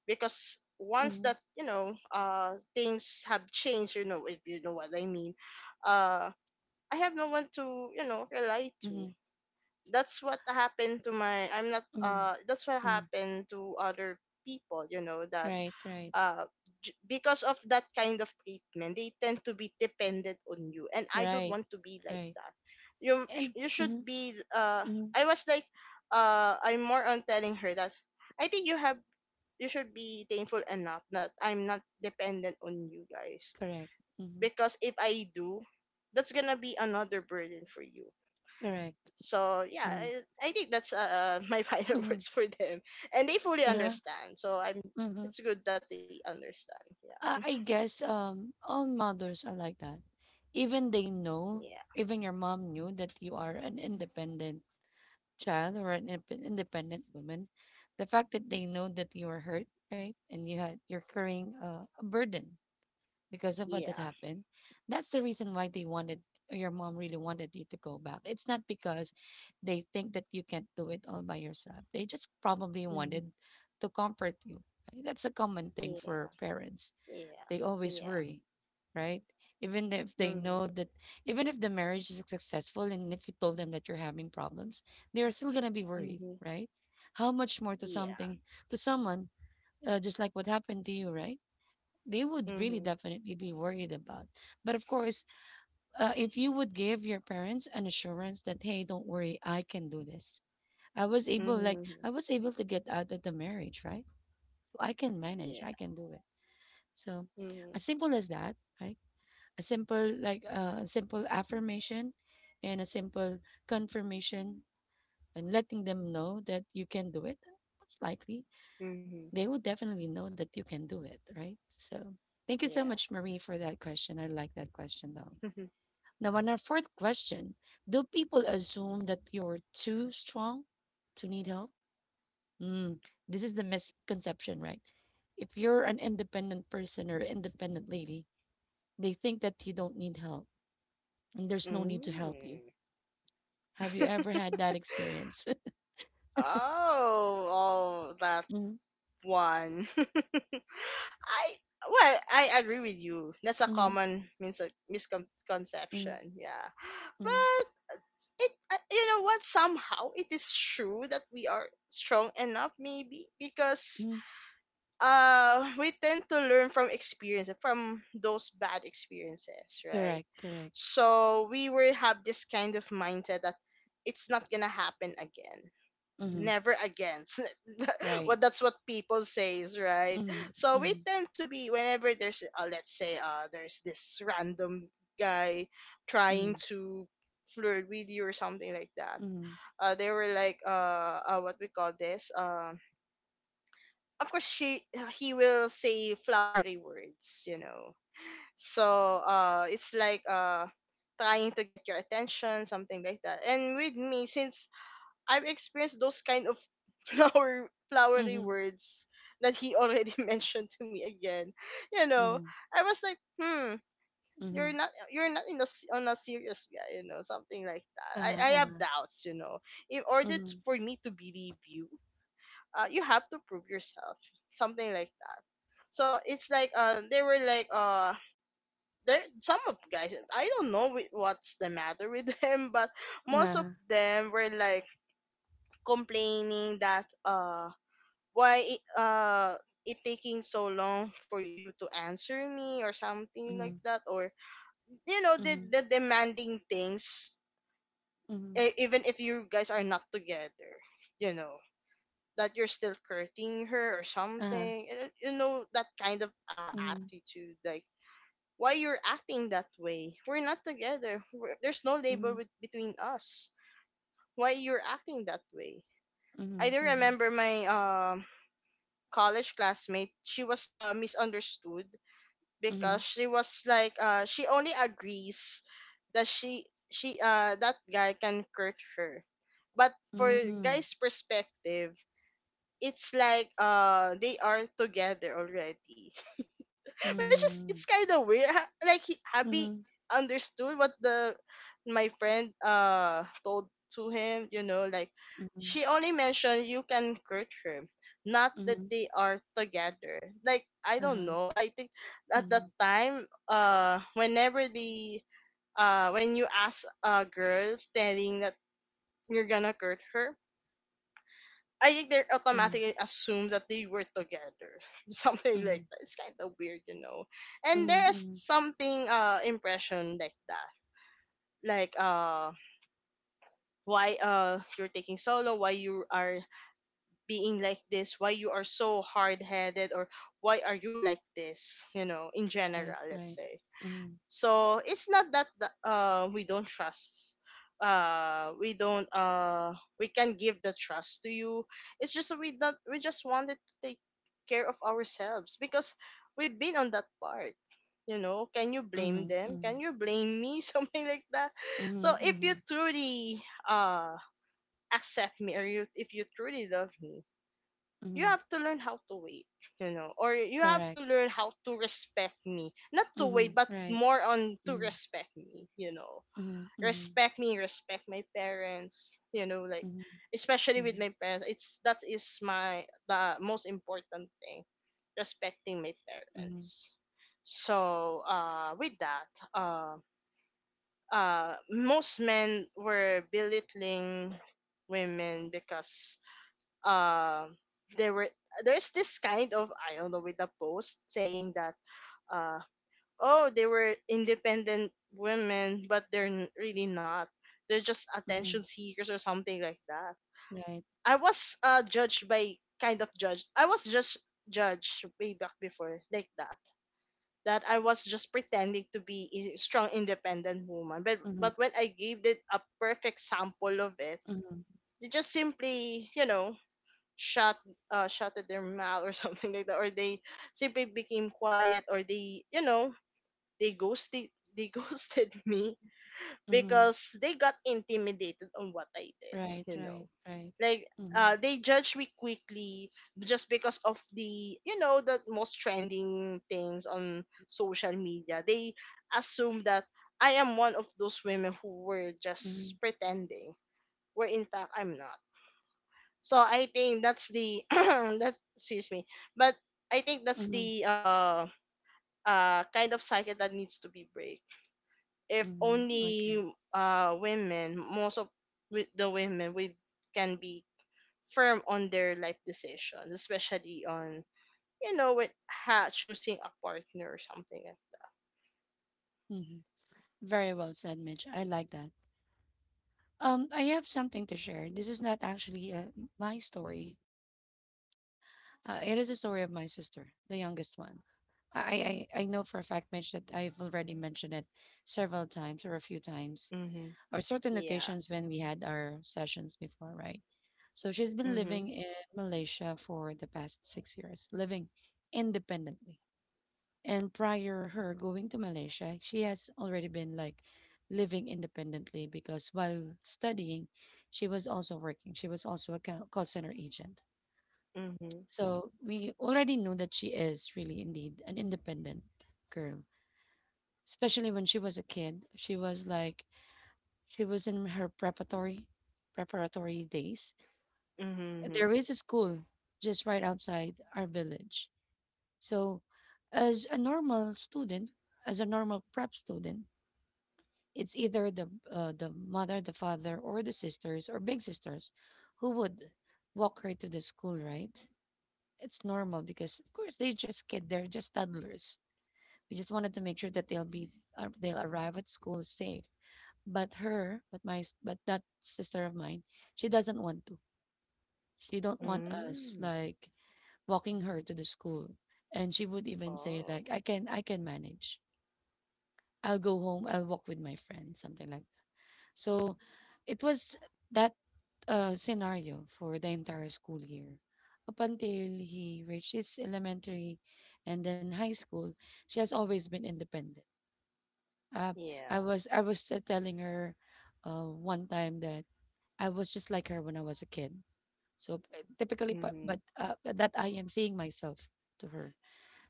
Speaker 2: because once
Speaker 1: Mm-hmm.
Speaker 2: that, you know, things have changed, you know, if you know what I mean. uh I have no one to, you know, rely to.
Speaker 1: Mm-hmm.
Speaker 2: That's what happened to my I'm not
Speaker 1: Mm-hmm.
Speaker 2: That's what
Speaker 1: Mm-hmm.
Speaker 2: happened to other people, you know, that
Speaker 1: Right. Right.
Speaker 2: uh, because of that kind of treatment, they tend to be dependent on you. And I don't
Speaker 1: Right.
Speaker 2: want to be like
Speaker 1: Right.
Speaker 2: that.
Speaker 1: And
Speaker 2: You should
Speaker 1: mm-hmm.
Speaker 2: be.
Speaker 1: Mm-hmm.
Speaker 2: I was like, I'm more on telling her that I think you should be thankful enough that I'm not dependent on you guys
Speaker 1: Correct. Mm-hmm.
Speaker 2: because if I do, that's gonna be another burden for you.
Speaker 1: Correct.
Speaker 2: So yeah,
Speaker 1: Mm-hmm.
Speaker 2: I think that's my final
Speaker 1: Mm-hmm.
Speaker 2: words for them, and they fully
Speaker 1: Yeah.
Speaker 2: understand. So I'm.
Speaker 1: Mm-hmm.
Speaker 2: It's good that they understand. Yeah.
Speaker 1: I guess all mothers are like that. Even they know,
Speaker 2: Yeah.
Speaker 1: even your mom knew that you are an independent child or an independent woman. The fact that they know that you are hurt, right, and you're carrying a burden because of what that
Speaker 2: Yeah.
Speaker 1: happened. That's the reason why they wanted your mom really wanted you to go back. It's not because they think that you can't do it all by yourself. They just probably
Speaker 2: Mm.
Speaker 1: wanted to comfort you, right? That's a common thing for
Speaker 2: Yeah.
Speaker 1: parents;
Speaker 2: Yeah.
Speaker 1: they always
Speaker 2: Yeah.
Speaker 1: worry, right? Even if they know
Speaker 2: Mm.
Speaker 1: that, even if the marriage is successful and if you told them that you're having problems, they are still going to be worried,
Speaker 2: Mm-hmm.
Speaker 1: right? How much more to
Speaker 2: Yeah.
Speaker 1: something, to someone, just like what happened to you, right? They would really
Speaker 2: Mm-hmm.
Speaker 1: definitely be worried about. But of course, if you would give your parents an assurance that, hey, don't worry, I can do this.
Speaker 2: Mm-hmm.
Speaker 1: I was able to get out of the marriage, right? So I can manage, I
Speaker 2: Yeah.
Speaker 1: can do it. So as
Speaker 2: Mm-hmm.
Speaker 1: simple as that, right? A simple like a simple affirmation and a simple confirmation and letting them know that you can do it, most likely
Speaker 2: Mm-hmm.
Speaker 1: they will definitely know that you can do it, right? So thank you so
Speaker 2: Yeah.
Speaker 1: much, Marie, for that question. I like that question though. Now on our fourth question, do people assume that you're too strong to need help? Mm, this is the misconception, right? If you're an independent person or independent lady, they think that you don't need help and there's no need to help you.
Speaker 2: Mm.
Speaker 1: Have you ever had that experience?
Speaker 2: Oh, oh, that
Speaker 1: Mhm,
Speaker 2: one. I well, I agree with you. That's a
Speaker 1: mhm,
Speaker 2: common
Speaker 1: mhm,
Speaker 2: misconception. Yeah,
Speaker 1: mhm,
Speaker 2: but it, you know what? Somehow it is true that we are strong enough, maybe because
Speaker 1: mhm.
Speaker 2: we tend to learn from experience, from those bad experiences, right?
Speaker 1: Correct, correct.
Speaker 2: So we will have this kind of mindset that it's not gonna happen again,
Speaker 1: Mhm.
Speaker 2: never again. Well,
Speaker 1: Right.
Speaker 2: that's what people says, right?
Speaker 1: Mhm,
Speaker 2: So we
Speaker 1: mhm,
Speaker 2: tend to be, whenever there's let's say there's this random guy trying
Speaker 1: mhm,
Speaker 2: to flirt with you or something like that. They were like What we call this? Of course, she he will say flowery words, you know. So it's like trying to get your attention, something like that. And with me, since I've experienced those kind of
Speaker 1: mhm,
Speaker 2: flowery
Speaker 1: mhm,
Speaker 2: words that he already mentioned to me again, you know,
Speaker 1: mhm,
Speaker 2: I was like, hmm,
Speaker 1: mhm.
Speaker 2: you're not in a, on a serious guy, you know, something like that. i
Speaker 1: Uh-huh,
Speaker 2: i have
Speaker 1: uh-huh.
Speaker 2: doubts, you know, in order
Speaker 1: Mhm,
Speaker 2: for me to believe you, you have to prove yourself, something like that. So it's like they were like there some of guys, I don't know with what's the matter with them, but most of
Speaker 1: uh-huh,
Speaker 2: them were like complaining that why it, uh it taking so long for you to answer me or something like
Speaker 1: mhm,
Speaker 2: that. Or you know,
Speaker 1: mhm,
Speaker 2: the demanding things,
Speaker 1: mhm,
Speaker 2: even if you guys are not together, you know, that you're still courting her or
Speaker 1: uh-huh,
Speaker 2: something. And, you know, that kind of
Speaker 1: mhm,
Speaker 2: attitude, like, why you're acting that way? We're not together. There's no label
Speaker 1: mhm,
Speaker 2: with, between us. Why you're acting that way? I
Speaker 1: mhm,
Speaker 2: do
Speaker 1: mhm,
Speaker 2: remember my college classmate. She was misunderstood because
Speaker 1: mhm,
Speaker 2: she was like, she only agrees that she that guy can hurt her. But for guys' perspective, it's like, they are together already. which is It's
Speaker 1: mhm,
Speaker 2: kind of weird.
Speaker 1: mhm,
Speaker 2: Abby
Speaker 1: mhm,
Speaker 2: understood what the my friend told to him, you know, like
Speaker 1: mhm,
Speaker 2: she only mentioned you can hurt her, not that
Speaker 1: mhm,
Speaker 2: they are together. Like, I don't
Speaker 1: uh-huh,
Speaker 2: know, I think at that
Speaker 1: mhm,
Speaker 2: time, whenever the when you ask a girl, telling that you're gonna hurt her, I think they're
Speaker 1: mhm,
Speaker 2: automatically assumed that they were together. Something like
Speaker 1: mhm,
Speaker 2: that. It's kind of weird, you know. And
Speaker 1: mhm,
Speaker 2: there's
Speaker 1: mhm.
Speaker 2: something impression like that. Like, why you're taking solo, why you are being like this, why you are so hard headed, or why are you like this, you know, in general,
Speaker 1: Right,
Speaker 2: let's
Speaker 1: right.
Speaker 2: say.
Speaker 1: Mhm,
Speaker 2: So it's not that we don't trust. We don't. We can give the trust to you. It's just that we not. We just wanted to take care of ourselves because we've been on that part. You know, can you blame
Speaker 1: mhm,
Speaker 2: them? Can
Speaker 1: mhm,
Speaker 2: you blame me? Something like that. So
Speaker 1: mhm,
Speaker 2: if you
Speaker 1: mhm,
Speaker 2: truly accept me, or you if you truly love me, you
Speaker 1: mhm.
Speaker 2: have to learn how to wait, you know, or you have to
Speaker 1: Correct.
Speaker 2: learn how to respect me. Not to wait,
Speaker 1: Mhm.
Speaker 2: but
Speaker 1: Right.
Speaker 2: more on to
Speaker 1: Mhm.
Speaker 2: respect me, you know.
Speaker 1: Mhm. Mhm.
Speaker 2: Respect me, respect my parents, you know, like
Speaker 1: Mhm.
Speaker 2: especially with
Speaker 1: Mhm.
Speaker 2: my parents. It's that is my the most important thing, respecting my
Speaker 1: Mhm.
Speaker 2: parents. So, with that, uh most men were belittling women because, um there were there's this kind of, I don't know, with the post saying that, uh oh, they were independent women, but they're really not, they're just attention
Speaker 1: Mhm.
Speaker 2: seekers or something like that.
Speaker 1: Right.
Speaker 2: I was judged by kind of judged I was just judged way back before, like that, that I was just pretending to be a strong independent woman,
Speaker 1: Mhm.
Speaker 2: but when I gave it a perfect sample of it,
Speaker 1: Mhm.
Speaker 2: they just simply, you know, shut shutted their mouth, or something like that, or they simply became quiet, or they you know they ghosted, they ghosted me
Speaker 1: Mhm.
Speaker 2: because they got intimidated on what I did,
Speaker 1: Right.
Speaker 2: you know,
Speaker 1: Right. Right.
Speaker 2: like,
Speaker 1: Mhm.
Speaker 2: they judged me quickly, just because of the you know the most trending things on social media. They assume that I am one of those women who were just
Speaker 1: Mhm.
Speaker 2: pretending, where in fact I'm not. So I think that's the that, excuse me, but I think that's
Speaker 1: Mhm.
Speaker 2: the kind of cycle that needs to be break. If
Speaker 1: Mhm.
Speaker 2: only,
Speaker 1: Okay.
Speaker 2: women, most of, with the women, we can be firm on their life decisions, especially on, you know, with choosing a partner or something.
Speaker 1: Mhm. Very well said, Mitch. I like that. I have something to share. This is not actually my story. It is a story of my sister, the youngest one. I know for a fact, Mitch, that I've already mentioned it several times or a few times
Speaker 2: Mm-hmm.
Speaker 1: or certain
Speaker 2: Yeah.
Speaker 1: occasions when we had our sessions before, right? So she's been
Speaker 2: Mm-hmm.
Speaker 1: living in Malaysia for the past 6 years, living independently. And prior her going to Malaysia, she has already been like living independently because while studying, she was also working. She was also a call center agent.
Speaker 2: Mm-hmm.
Speaker 1: So we already knew that she is really indeed an independent girl, especially when she was a kid. She was like, she was in her preparatory days.
Speaker 2: Mm-hmm.
Speaker 1: There is a school just right outside our village. So, as a normal student, as a normal prep student, it's either the the mother, the father, or the sisters or big sisters who would walk her to the school, right? It's normal because of course they just kid, they're just toddlers. We just wanted to make sure that they'll be they'll arrive at school safe. But her, but my, s- but that sister of mine, she doesn't want to. She don't want us
Speaker 2: Mm-hmm.
Speaker 1: like walking her to the school. And she would even say
Speaker 2: Oh.
Speaker 1: like, I can manage. I'll go home. I'll walk with my friends," something like. So, it was that scenario for the entire school year, up until he reaches elementary, and then high school. She has always been independent. Uh,
Speaker 2: Yeah.
Speaker 1: I was telling her, one time that I was just like her when I was a kid. So typically, but,
Speaker 2: Mm-hmm.
Speaker 1: but uh, that I am seeing myself to her.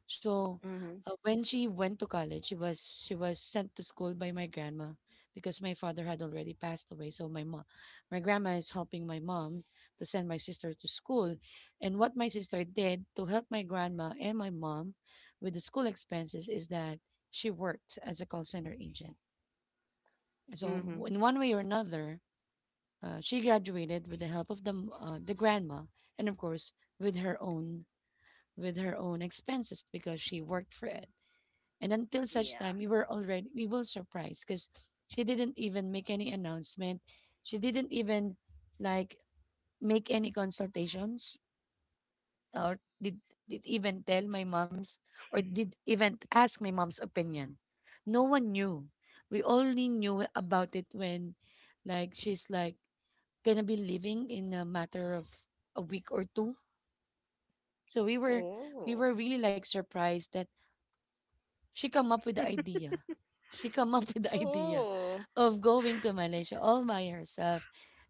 Speaker 1: So
Speaker 2: Mm-hmm.
Speaker 1: when she went to college, she was sent to school by my grandma because my father had already passed away. So my mom, my grandma is helping my mom to send my sister to school, and what my sister did to help my grandma and my mom with the school expenses is that she worked as a call center agent. So
Speaker 2: Mm-hmm.
Speaker 1: in one way or another, she graduated with the help of the the grandma, and of course with her own expenses because she worked for it. And until such
Speaker 2: Yeah.
Speaker 1: time, we were surprised because she didn't even make any announcement. She didn't even like make any consultations or did even tell my mom's or did even ask my mom's opinion. No one knew. We only knew about it when like she's like gonna be leaving in a matter of a week or two. So we were we
Speaker 2: Oh.
Speaker 1: were really like surprised that she come up with the idea. She come up with the idea
Speaker 2: Oh.
Speaker 1: of going to Malaysia all by herself.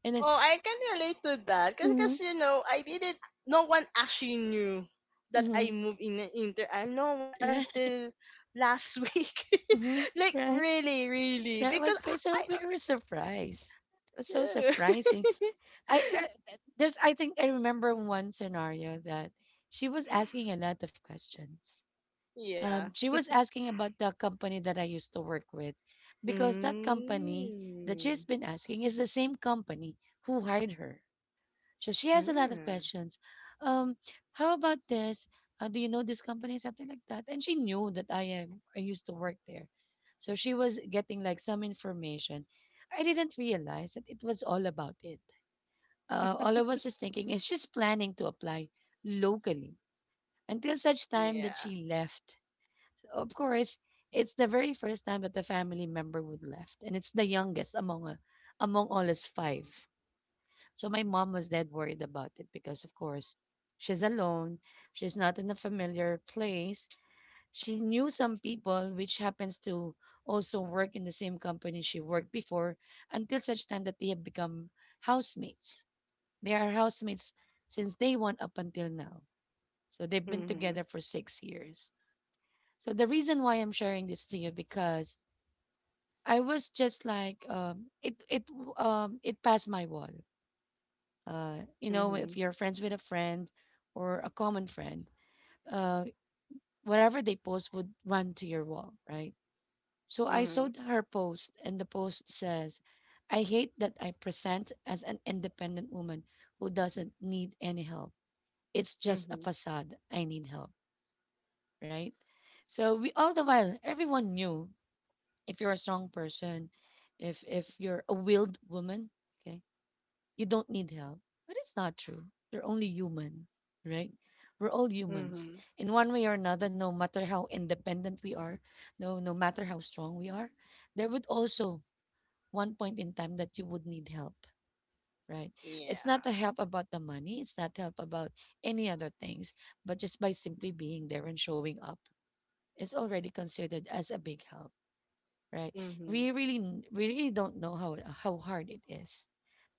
Speaker 1: And then.
Speaker 2: Oh, I can relate to that
Speaker 1: Mm-hmm.
Speaker 2: because, you know, I didn't. No one actually knew that
Speaker 1: Mm-hmm.
Speaker 2: I moved in inter. I No one
Speaker 1: Right.
Speaker 2: until last week.
Speaker 1: Mm-hmm.
Speaker 2: Like,
Speaker 1: Right.
Speaker 2: really, really,
Speaker 1: That
Speaker 2: because.
Speaker 1: was great. So we were surprised. It was so
Speaker 2: I-
Speaker 1: surprising. I, I I think I remember one scenario that she was asking a lot of questions.
Speaker 2: yeah.
Speaker 1: She was asking about the company that I used to work with because that company that she's
Speaker 2: Mm.
Speaker 1: been asking is the same company who hired her. So she has a lot of
Speaker 2: Mm.
Speaker 1: questions. Um, how about this? Do you know this company? Something like that. And she knew that I am. I used to work there, so she was getting like some information. I didn't realize that it was all about it. All I was just thinking is she's planning to apply locally until such time that
Speaker 2: Yeah.
Speaker 1: she left. So of course, it's the very first time that the family member would left, and it's the youngest among among all us five. So my mom was dead worried about it because, of course, she's alone. She's not in a familiar place. She knew some people, which happens to also work in the same company she worked before, until such time that they have become housemates. They are housemates since day one up until now. So they've been
Speaker 2: Mhm.
Speaker 1: together for 6 years. So the reason why I'm sharing this to you because I was just like it passed my wall. uh, you know, if
Speaker 2: Mhm.
Speaker 1: you're friends with a friend or a common friend, uh, whatever they post would run to your wall, right? So I saw
Speaker 2: Mhm.
Speaker 1: her post, and the post says, I hate that I present as an independent woman who doesn't need any help. It's just a
Speaker 2: Mhm.
Speaker 1: facade. I need help, right? So we all the while, everyone knew if you're a strong person, if you're a willed woman, okay, you don't need help. But it's not true. You're only human, right? We're all humans.
Speaker 2: Mhm.
Speaker 1: In one way or another, no matter how independent we are, no matter how strong we are, there would also one point in time that you would need help, right? It's
Speaker 2: Yeah.
Speaker 1: not a help about the money, it's not help about any other things, but just by simply being there and showing up is already considered as a big help, right?
Speaker 2: Mhm.
Speaker 1: We really, we really don't know how hard it is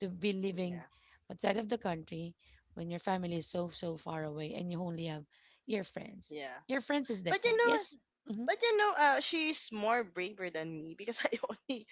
Speaker 1: to be living
Speaker 2: Yeah.
Speaker 1: outside of the country when your family is so so far away and you only have your friends.
Speaker 2: Yeah.
Speaker 1: Your friends is
Speaker 2: But
Speaker 1: different.
Speaker 2: you know what?
Speaker 1: Yes. Hmm.
Speaker 2: But you know, she's more braver than me because I only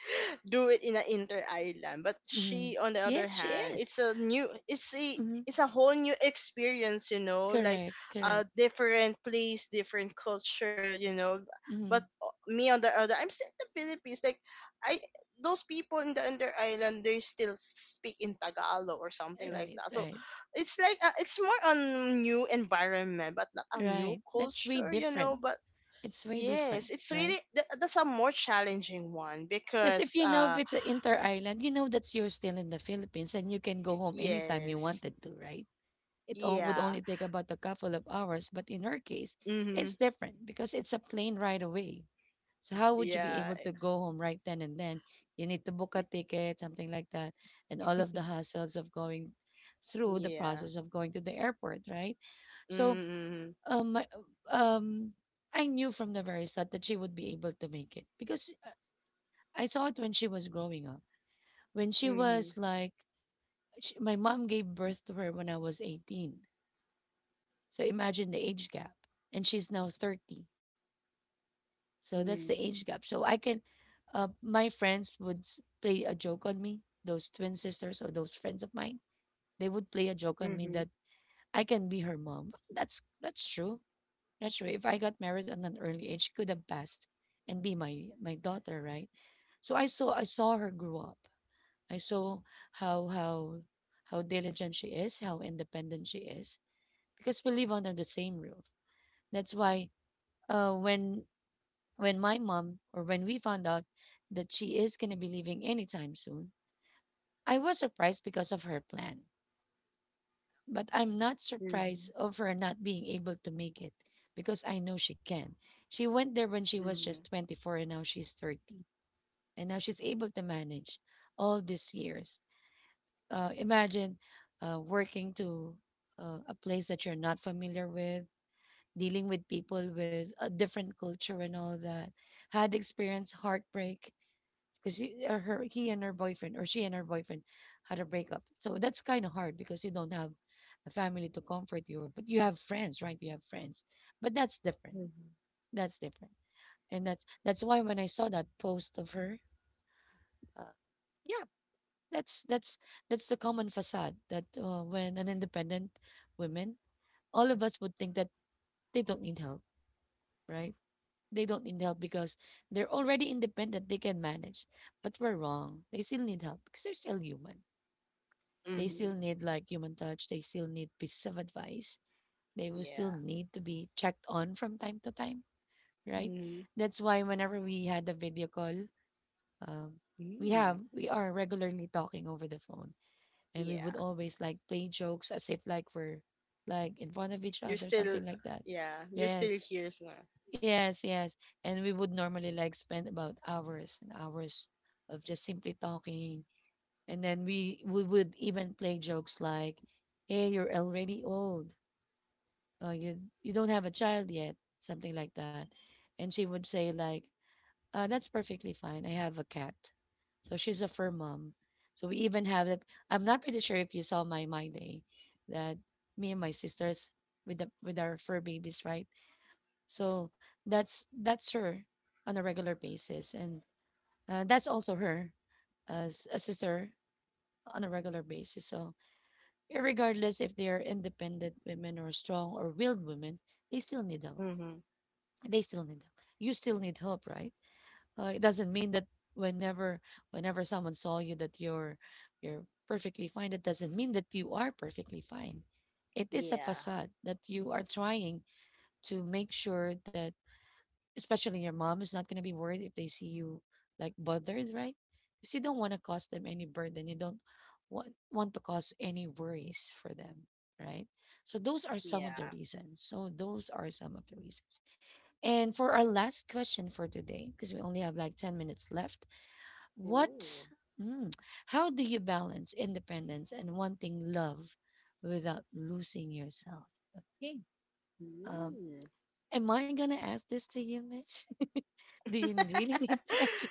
Speaker 2: do it in an inter island. But
Speaker 1: Hmm.
Speaker 2: she, on the other
Speaker 1: Yes, she
Speaker 2: hand,
Speaker 1: is.
Speaker 2: it's a new,
Speaker 1: Hmm.
Speaker 2: it's a whole new experience, you know, like
Speaker 1: Correct, correct.
Speaker 2: a different place, different culture, you know.
Speaker 1: Hmm.
Speaker 2: But, me on the other, I'm still in the Philippines. Like, I, those people in the under island, they still speak in Tagalog or something like
Speaker 1: Right,
Speaker 2: that. So
Speaker 1: right,
Speaker 2: it's like, it's more on new environment, but not a new
Speaker 1: right. That's way
Speaker 2: culture, you know.
Speaker 1: different.
Speaker 2: But
Speaker 1: It's way different,
Speaker 2: yes, it's really
Speaker 1: right?
Speaker 2: that's a more challenging one
Speaker 1: Because
Speaker 2: because
Speaker 1: if you know if it's an inter island, you know that you're still in the Philippines and you can go home anytime you
Speaker 2: Yes.
Speaker 1: wanted to, right? It would
Speaker 2: Yeah.
Speaker 1: only take about a couple of hours, but in her case, it's
Speaker 2: Mhm.
Speaker 1: different because it's a plane ride away. So how would you be
Speaker 2: Yeah.
Speaker 1: able to go home right then and then? You need to book a
Speaker 2: y-
Speaker 1: ticket, something like that, and all of the hassles of going through the
Speaker 2: Yeah.
Speaker 1: process of going to the airport, right? So
Speaker 2: Mhm.
Speaker 1: um, my- um, I knew from the very start that she would be able to make it because I saw it when she was growing up. When she was
Speaker 2: Mhm.
Speaker 1: like, sh my mom gave birth to her when I was 18. So imagine the age gap. And she's now 30. So that's the
Speaker 2: Mhm.
Speaker 1: age gap. So I can, my friends would play a joke on me, those twin sisters or those friends of mine. They would play a joke on me that
Speaker 2: Mhm.
Speaker 1: I can be her mom. That's true. That's true. If I got married at an early age, she could have passed and be my daughter, right? So I saw her grow up. I saw how how how diligent she is, how independent she is, because we live under the same roof. That's why when my mom or when we found out that she is going to be leaving anytime soon, I was surprised because of her plan. But I'm not surprised
Speaker 2: Mhm.
Speaker 1: of her not being able to make it because I know she can. She went there when she was just
Speaker 2: Mhm.
Speaker 1: 24 and now she's 30. And now she's able to manage all these years. Imagine working to a place that you're not familiar with dealing with people with a different culture and all that, had experienced heartbreak because she, her, he and her boyfriend, or she and her boyfriend, had a breakup. So that's kind of hard because you don't have a family to comfort you, but you have friends, right? You have friends, but that's different.
Speaker 2: Mhm.
Speaker 1: That's different, and that's why when I saw that post of her, uh, yeah, that's that's that's the common facade that when an independent woman, all of us would think that they don't need help, right? They don't need help because they're already independent, they can manage. But we're wrong. They still need help because they're still human. They still
Speaker 2: Mhm.
Speaker 1: need like human touch, they still need pieces of advice. They will still
Speaker 2: Yeah.
Speaker 1: need to be checked on from time to time, right?
Speaker 2: Mhm.
Speaker 1: That's why whenever we had a video call, um, we have
Speaker 2: Mhm.
Speaker 1: we are regularly talking over the phone and we
Speaker 2: Yeah.
Speaker 1: would always like play jokes as if like we're like in front of each
Speaker 2: You're
Speaker 1: other,
Speaker 2: still.
Speaker 1: something like that.
Speaker 2: Yeah. You're still
Speaker 1: Yes,
Speaker 2: here, so.
Speaker 1: yes, yes. And we would normally like spend about hours and hours of just simply talking. And then we would even play jokes like, "Hey, you're already old. You don't have a child yet," something like that. And she would say like, "That's perfectly fine. I have a cat." So she's a fur mom. So we even have that. I'm not pretty sure if you saw my day that me and my sisters with the with our fur babies, right? So that's her on a regular basis, and that's also her as a sister on a regular basis. So regardless if they are independent women or strong or willed women, they still need help.
Speaker 2: Mhm.
Speaker 1: They still need help. You still need help, right? It doesn't mean that whenever whenever someone saw you that you're perfectly fine. That doesn't mean that you are perfectly fine. It is a
Speaker 2: Yeah.
Speaker 1: facade that you are trying to make sure that especially your mom is not going to be worried if they see you like bothered, right? Because you don't want to cause them any burden. You don't want to cause any worries for them, right? So those are some of the
Speaker 2: Yeah.
Speaker 1: reasons. So those are some of the reasons. And for our last question for today, because we only have like 10 minutes left, what,
Speaker 2: Ooh.
Speaker 1: mm, how do you balance independence and wanting love without losing yourself? Okay. Um,
Speaker 2: Mm.
Speaker 1: am I going to ask this to you, Mitch? Do you really need to answer.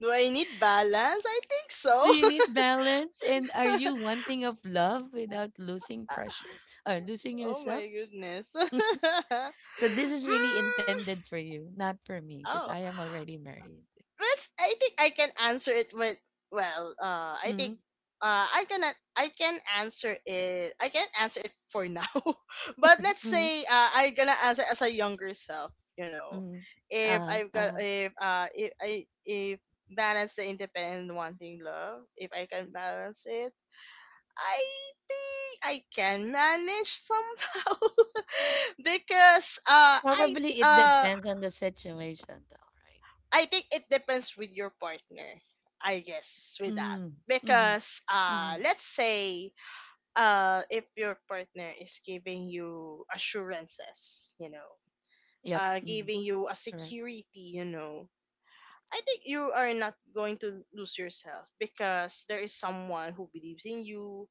Speaker 2: Do I need balance? I think
Speaker 1: Do
Speaker 2: so.
Speaker 1: you need balance? And are you wanting of love without losing pressure or losing
Speaker 2: Oh
Speaker 1: yourself?
Speaker 2: my goodness. Mm.
Speaker 1: So this is really intended for you, not for me, because I
Speaker 2: Oh.
Speaker 1: am already married.
Speaker 2: let's I think I can answer it with, well, I think,
Speaker 1: Mm-hmm.
Speaker 2: uh I can I can answer it, for now. But let's
Speaker 1: Mm-hmm.
Speaker 2: say, I gonna answer as a younger self, you know.
Speaker 1: Mm-hmm.
Speaker 2: If
Speaker 1: Uh,
Speaker 2: I've got
Speaker 1: uh.
Speaker 2: if I if balance the independent wanting love, if I can balance it, I think I can manage somehow because
Speaker 1: Probably it
Speaker 2: uh
Speaker 1: depends on the situation, though, right?
Speaker 2: I think it depends with your partner. I guess, with that,
Speaker 1: Mm. Mm-hmm.
Speaker 2: because,
Speaker 1: Mm-hmm.
Speaker 2: let's say, if your partner is giving you assurances, you know,
Speaker 1: Yep. Mm-hmm.
Speaker 2: giving you a
Speaker 1: Correct.
Speaker 2: security, you know, I think you are not going to lose yourself because there is someone who believes in you,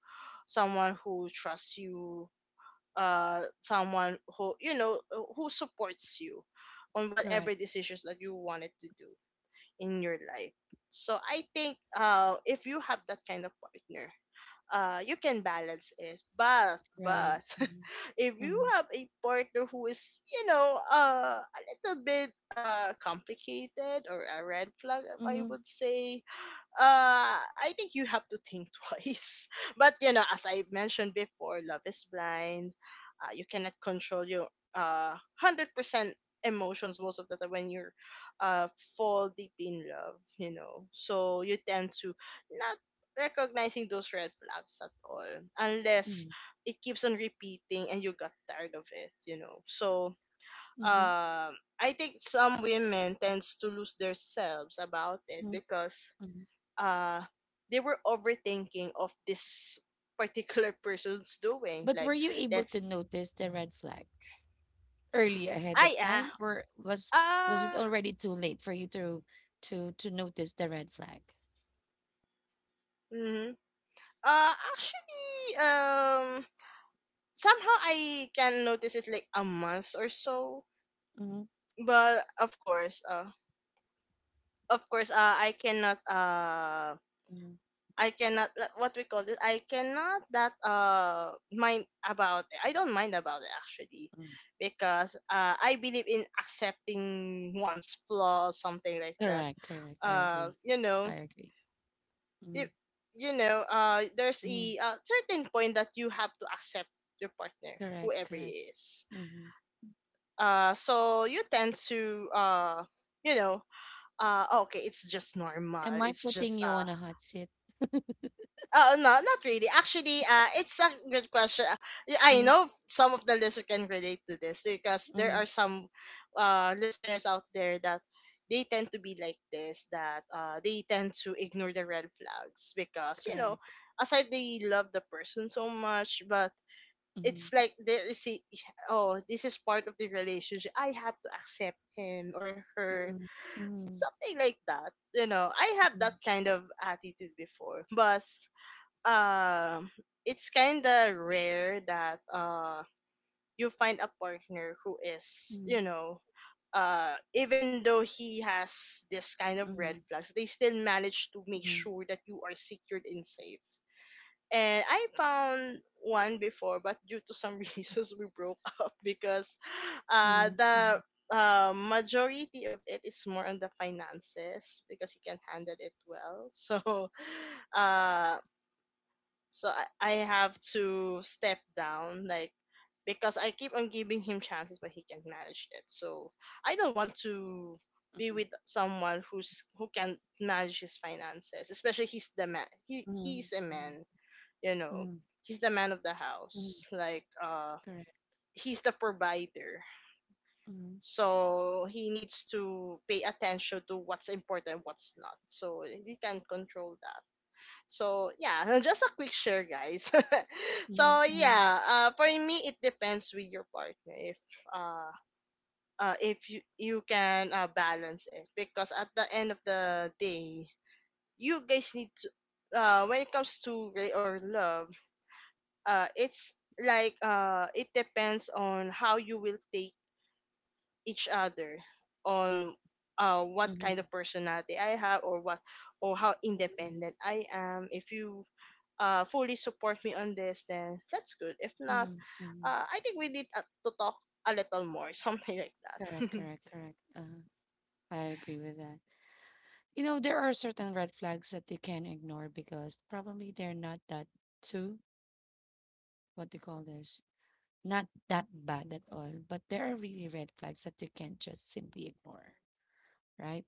Speaker 2: someone who trusts you, someone who, you know, who supports you on
Speaker 1: Correct.
Speaker 2: whatever decisions that you wanted to do in your life. So I think, if you have that kind of partner, you can balance it.
Speaker 1: Right.
Speaker 2: But
Speaker 1: Mm-hmm.
Speaker 2: if you
Speaker 1: Mm-hmm.
Speaker 2: have a partner who is, you know, a little bit, complicated or a red flag, I
Speaker 1: Mm-hmm.
Speaker 2: would say, I think you have to think twice. But you know, as I mentioned before, love is blind. You cannot control your 100% emotions most of the time when you're, uh fall deep in love. You know, so you tend to not recognizing those red flags at all, unless it keeps on repeating and you got tired of it. You know, so,
Speaker 1: Mm-hmm.
Speaker 2: I think some women tends to lose themselves about it
Speaker 1: Mm-hmm.
Speaker 2: because,
Speaker 1: Mm-hmm.
Speaker 2: uh they were overthinking of this particular person's doing,
Speaker 1: But were
Speaker 2: like,
Speaker 1: you able to
Speaker 2: that's,
Speaker 1: notice the red flags early ahead
Speaker 2: I
Speaker 1: of
Speaker 2: ah
Speaker 1: time, or was it
Speaker 2: uh
Speaker 1: already too late for you to to notice the red flag?
Speaker 2: mhm. Actually, somehow I can notice it, like, a month or so,
Speaker 1: Mm-hmm.
Speaker 2: but of course, of course, i cannot uh
Speaker 1: Mm-hmm.
Speaker 2: I cannot, like, what we call it. I cannot that mind about it. I don't mind about it, actually,
Speaker 1: Mm-hmm.
Speaker 2: because, I believe in accepting one's flaw, something like that.
Speaker 1: Correct, correct. I agree.
Speaker 2: You
Speaker 1: I
Speaker 2: know,
Speaker 1: agree. Mm-hmm.
Speaker 2: if, you know, there's
Speaker 1: Mm-hmm.
Speaker 2: a certain point that you have to accept your partner,
Speaker 1: Correct,
Speaker 2: whoever
Speaker 1: correct.
Speaker 2: he is.
Speaker 1: Mm-hmm.
Speaker 2: So you tend to, you know, okay, it's just normal.
Speaker 1: Am I
Speaker 2: It's
Speaker 1: putting
Speaker 2: just
Speaker 1: you on a hot seat?
Speaker 2: Oh, no, not really. Actually, it's a good question. I
Speaker 1: Mm-hmm.
Speaker 2: know some of the listeners can relate to this, because there are some, listeners out there, that they tend to be like this. That They tend to ignore the red flags because, you know,
Speaker 1: Correct.
Speaker 2: aside they love the person so much, but it's
Speaker 1: Mm-hmm.
Speaker 2: like there is a, oh, this is part of the relationship. I have to accept him or her,
Speaker 1: Mm-hmm. Mm-hmm.
Speaker 2: something like that. You know, I have that kind of attitude before, but, um it's kind of rare that, you find a partner who is,
Speaker 1: Mm-hmm.
Speaker 2: you know, even though he has this kind of red
Speaker 1: Mm-hmm.
Speaker 2: flags, they still manage to make
Speaker 1: Mm-hmm.
Speaker 2: sure that you are secured and safe. And I found one before, but due to some reasons we broke up because,
Speaker 1: Mm-hmm.
Speaker 2: the majority of it is more on the finances, because he can handle it well. So, uh I have to step down, like, because I keep on giving him chances but he can't manage it. So I don't want to be with someone who can manage his finances, especially he's the man. He's a
Speaker 1: Mm-hmm.
Speaker 2: man, you know.
Speaker 1: Mm-hmm.
Speaker 2: He's the man of the
Speaker 1: Mm-hmm.
Speaker 2: house. Like,
Speaker 1: Correct.
Speaker 2: he's the provider. So he needs to pay attention to what's important, what's not. So he can control that. So, yeah, just a quick share, guys.
Speaker 1: Mhm,
Speaker 2: So,
Speaker 1: mhm,
Speaker 2: yeah, for me it depends with your partner if, uh, if you can, balance it, because at the end of the day, you guys need to, when it comes to gray or love, it's like, it depends on how you will take each other, on, what kind
Speaker 1: mhm,
Speaker 2: of personality I have, or what, or how
Speaker 1: mhm,
Speaker 2: independent I am. If you, fully support me on this, then that's good. If not,
Speaker 1: mhm, mhm.
Speaker 2: I think we need, to talk a little more, something like
Speaker 1: Correct,
Speaker 2: that.
Speaker 1: correct, correct. I agree with that. You know, there are certain red flags that you can ignore because probably they're not that too, what they call this, not that bad at all. But there are really red flags that you can't just simply ignore, right?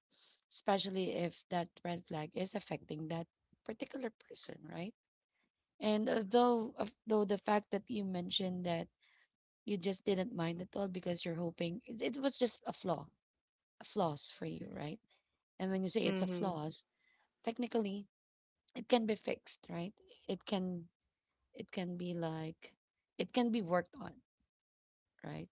Speaker 1: Especially if that red flag is affecting that particular person, right? And although, though though the fact that you mentioned that you just didn't mind at all because you're hoping it, it was just a flaw, a flaws for you, right? And when you say it's a
Speaker 2: Mm-hmm.
Speaker 1: flaws, technically it can be fixed, right? It can it can be like it can be worked on, right?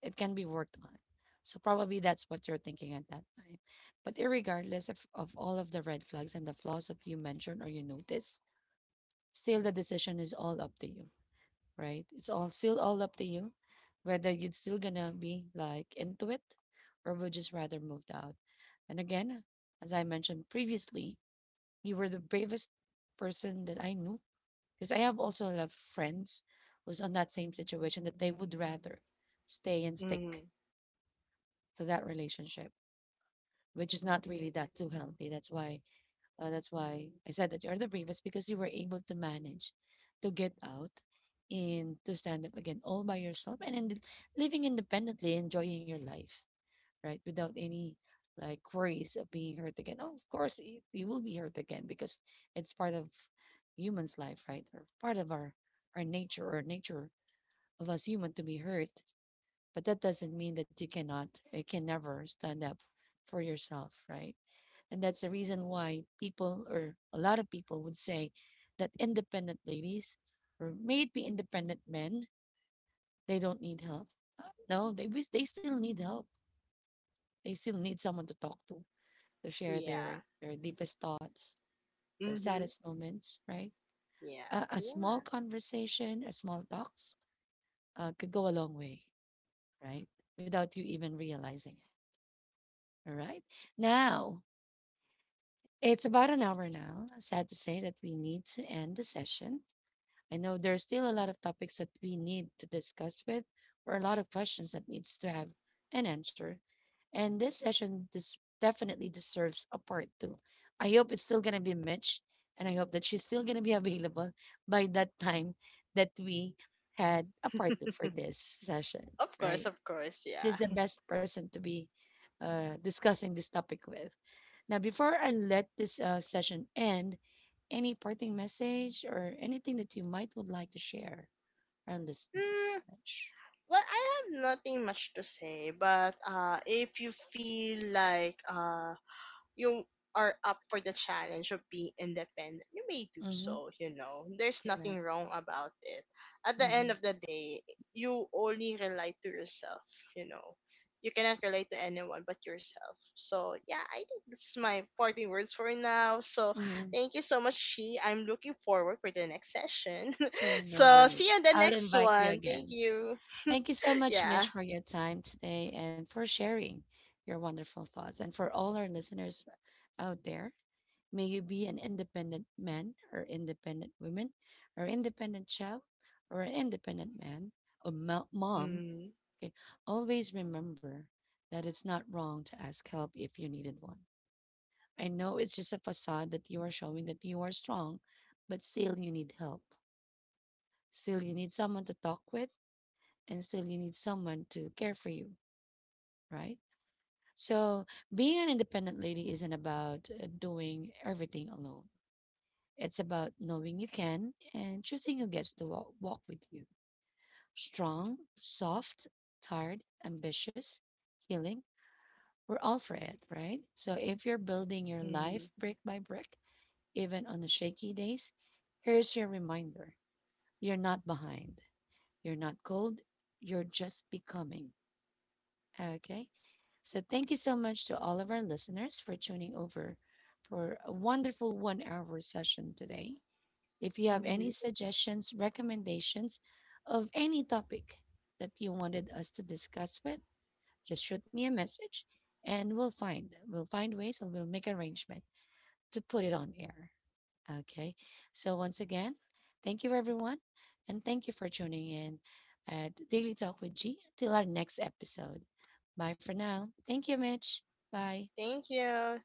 Speaker 1: It can be worked on. So probably that's what you're thinking at that time. But irregardless of all of the red flags and the flaws that you mentioned or you notice, still the decision is all up to you right? It's all still all up to you whether you're still gonna be like into it or would just rather moved out. And again, as I mentioned previously, you were the bravest person that I knew because I have also a lot of friends who's on that same situation that they would rather stay and stick
Speaker 2: Mm-hmm.
Speaker 1: to that relationship, which is not really that too healthy. That's why I said that you are the bravest because you were able to manage to get out and to stand up again all by yourself and then living independently, enjoying your life, right? Without any like worries of being hurt again. Oh, of course, you will be hurt again because it's part of human's life, right? Or part of our nature or nature of us human to be hurt. But that doesn't mean that you can never stand up for yourself, right? And that's the reason why people or a lot of people would say that independent ladies or maybe independent men, they don't need help. No, they wish they still need help. They still need someone to talk to share
Speaker 2: Yeah.
Speaker 1: their deepest thoughts, their
Speaker 2: Mm-hmm.
Speaker 1: saddest moments, right?
Speaker 2: Yeah.
Speaker 1: A small
Speaker 2: Yeah.
Speaker 1: conversation, a small talks could go a long way, right? Without you even realizing it. All right. Now, it's about an hour now. Sad to say that we need to end the session. I know there's still a lot of topics that we need to discuss with, or a lot of questions that needs to have an answer. And this session this definitely deserves a part two. I hope it's still gonna be Mitch, and I hope that she's still gonna be available by that time that we had a part two for this session, right?
Speaker 2: Of course,
Speaker 1: She's the
Speaker 2: yeah.
Speaker 1: best person to be discussing this topic with. Now, before I let this session end, any parting message or anything that you might would like to share? Our
Speaker 2: Mm,
Speaker 1: listeners. Much.
Speaker 2: well, I have nothing much to say, but, if you feel like, you are up for the challenge of being independent, you may do
Speaker 1: Mm-hmm.
Speaker 2: so, you know. There's nothing
Speaker 1: Correct.
Speaker 2: wrong about it. At the
Speaker 1: Mm-hmm.
Speaker 2: end of the day, you only rely to yourself, you know. You cannot relate to anyone but yourself. So yeah, I think this is my parting words for now. So
Speaker 1: Mm-hmm.
Speaker 2: thank you so much, She. I'm looking forward for the next session.
Speaker 1: Sure, no
Speaker 2: So
Speaker 1: worries.
Speaker 2: see you in the
Speaker 1: I'll
Speaker 2: next
Speaker 1: invite you
Speaker 2: one. Thank
Speaker 1: again.
Speaker 2: you.
Speaker 1: Thank you so much,
Speaker 2: Yeah.
Speaker 1: Mitch, for your time today and for sharing your wonderful thoughts. And for all our listeners out there, may you be an independent man or independent woman or independent child or an independent man or mom.
Speaker 2: Mm-hmm.
Speaker 1: Okay, always remember that it's not wrong to ask help if you needed one. I know it's just a facade that you are showing that you are strong, but still you need help. Still you need someone to talk with and still you need someone to care for you, right? So being an independent lady isn't about doing everything alone. It's about knowing you can and choosing who gets to walk with you. Strong, soft, tired, ambitious, healing. We're all for it, right? So if you're building your
Speaker 2: Mm-hmm.
Speaker 1: life brick by brick, even on the shaky days, here's your reminder you're not behind, you're not cold, you're just becoming. Okay? So, thank you so much to all of our listeners for tuning over for a wonderful 1 hour session today. If you have any
Speaker 2: Mm-hmm.
Speaker 1: suggestions, recommendations of any topic that you wanted us to discuss with, just shoot me a message and we'll find ways and we'll make arrangement to put it on air. Okay. So once again, thank you everyone and thank you for tuning in at Daily Talk with G. Till our next episode. Bye for now. Thank you, Mitch. Bye.
Speaker 2: Thank you.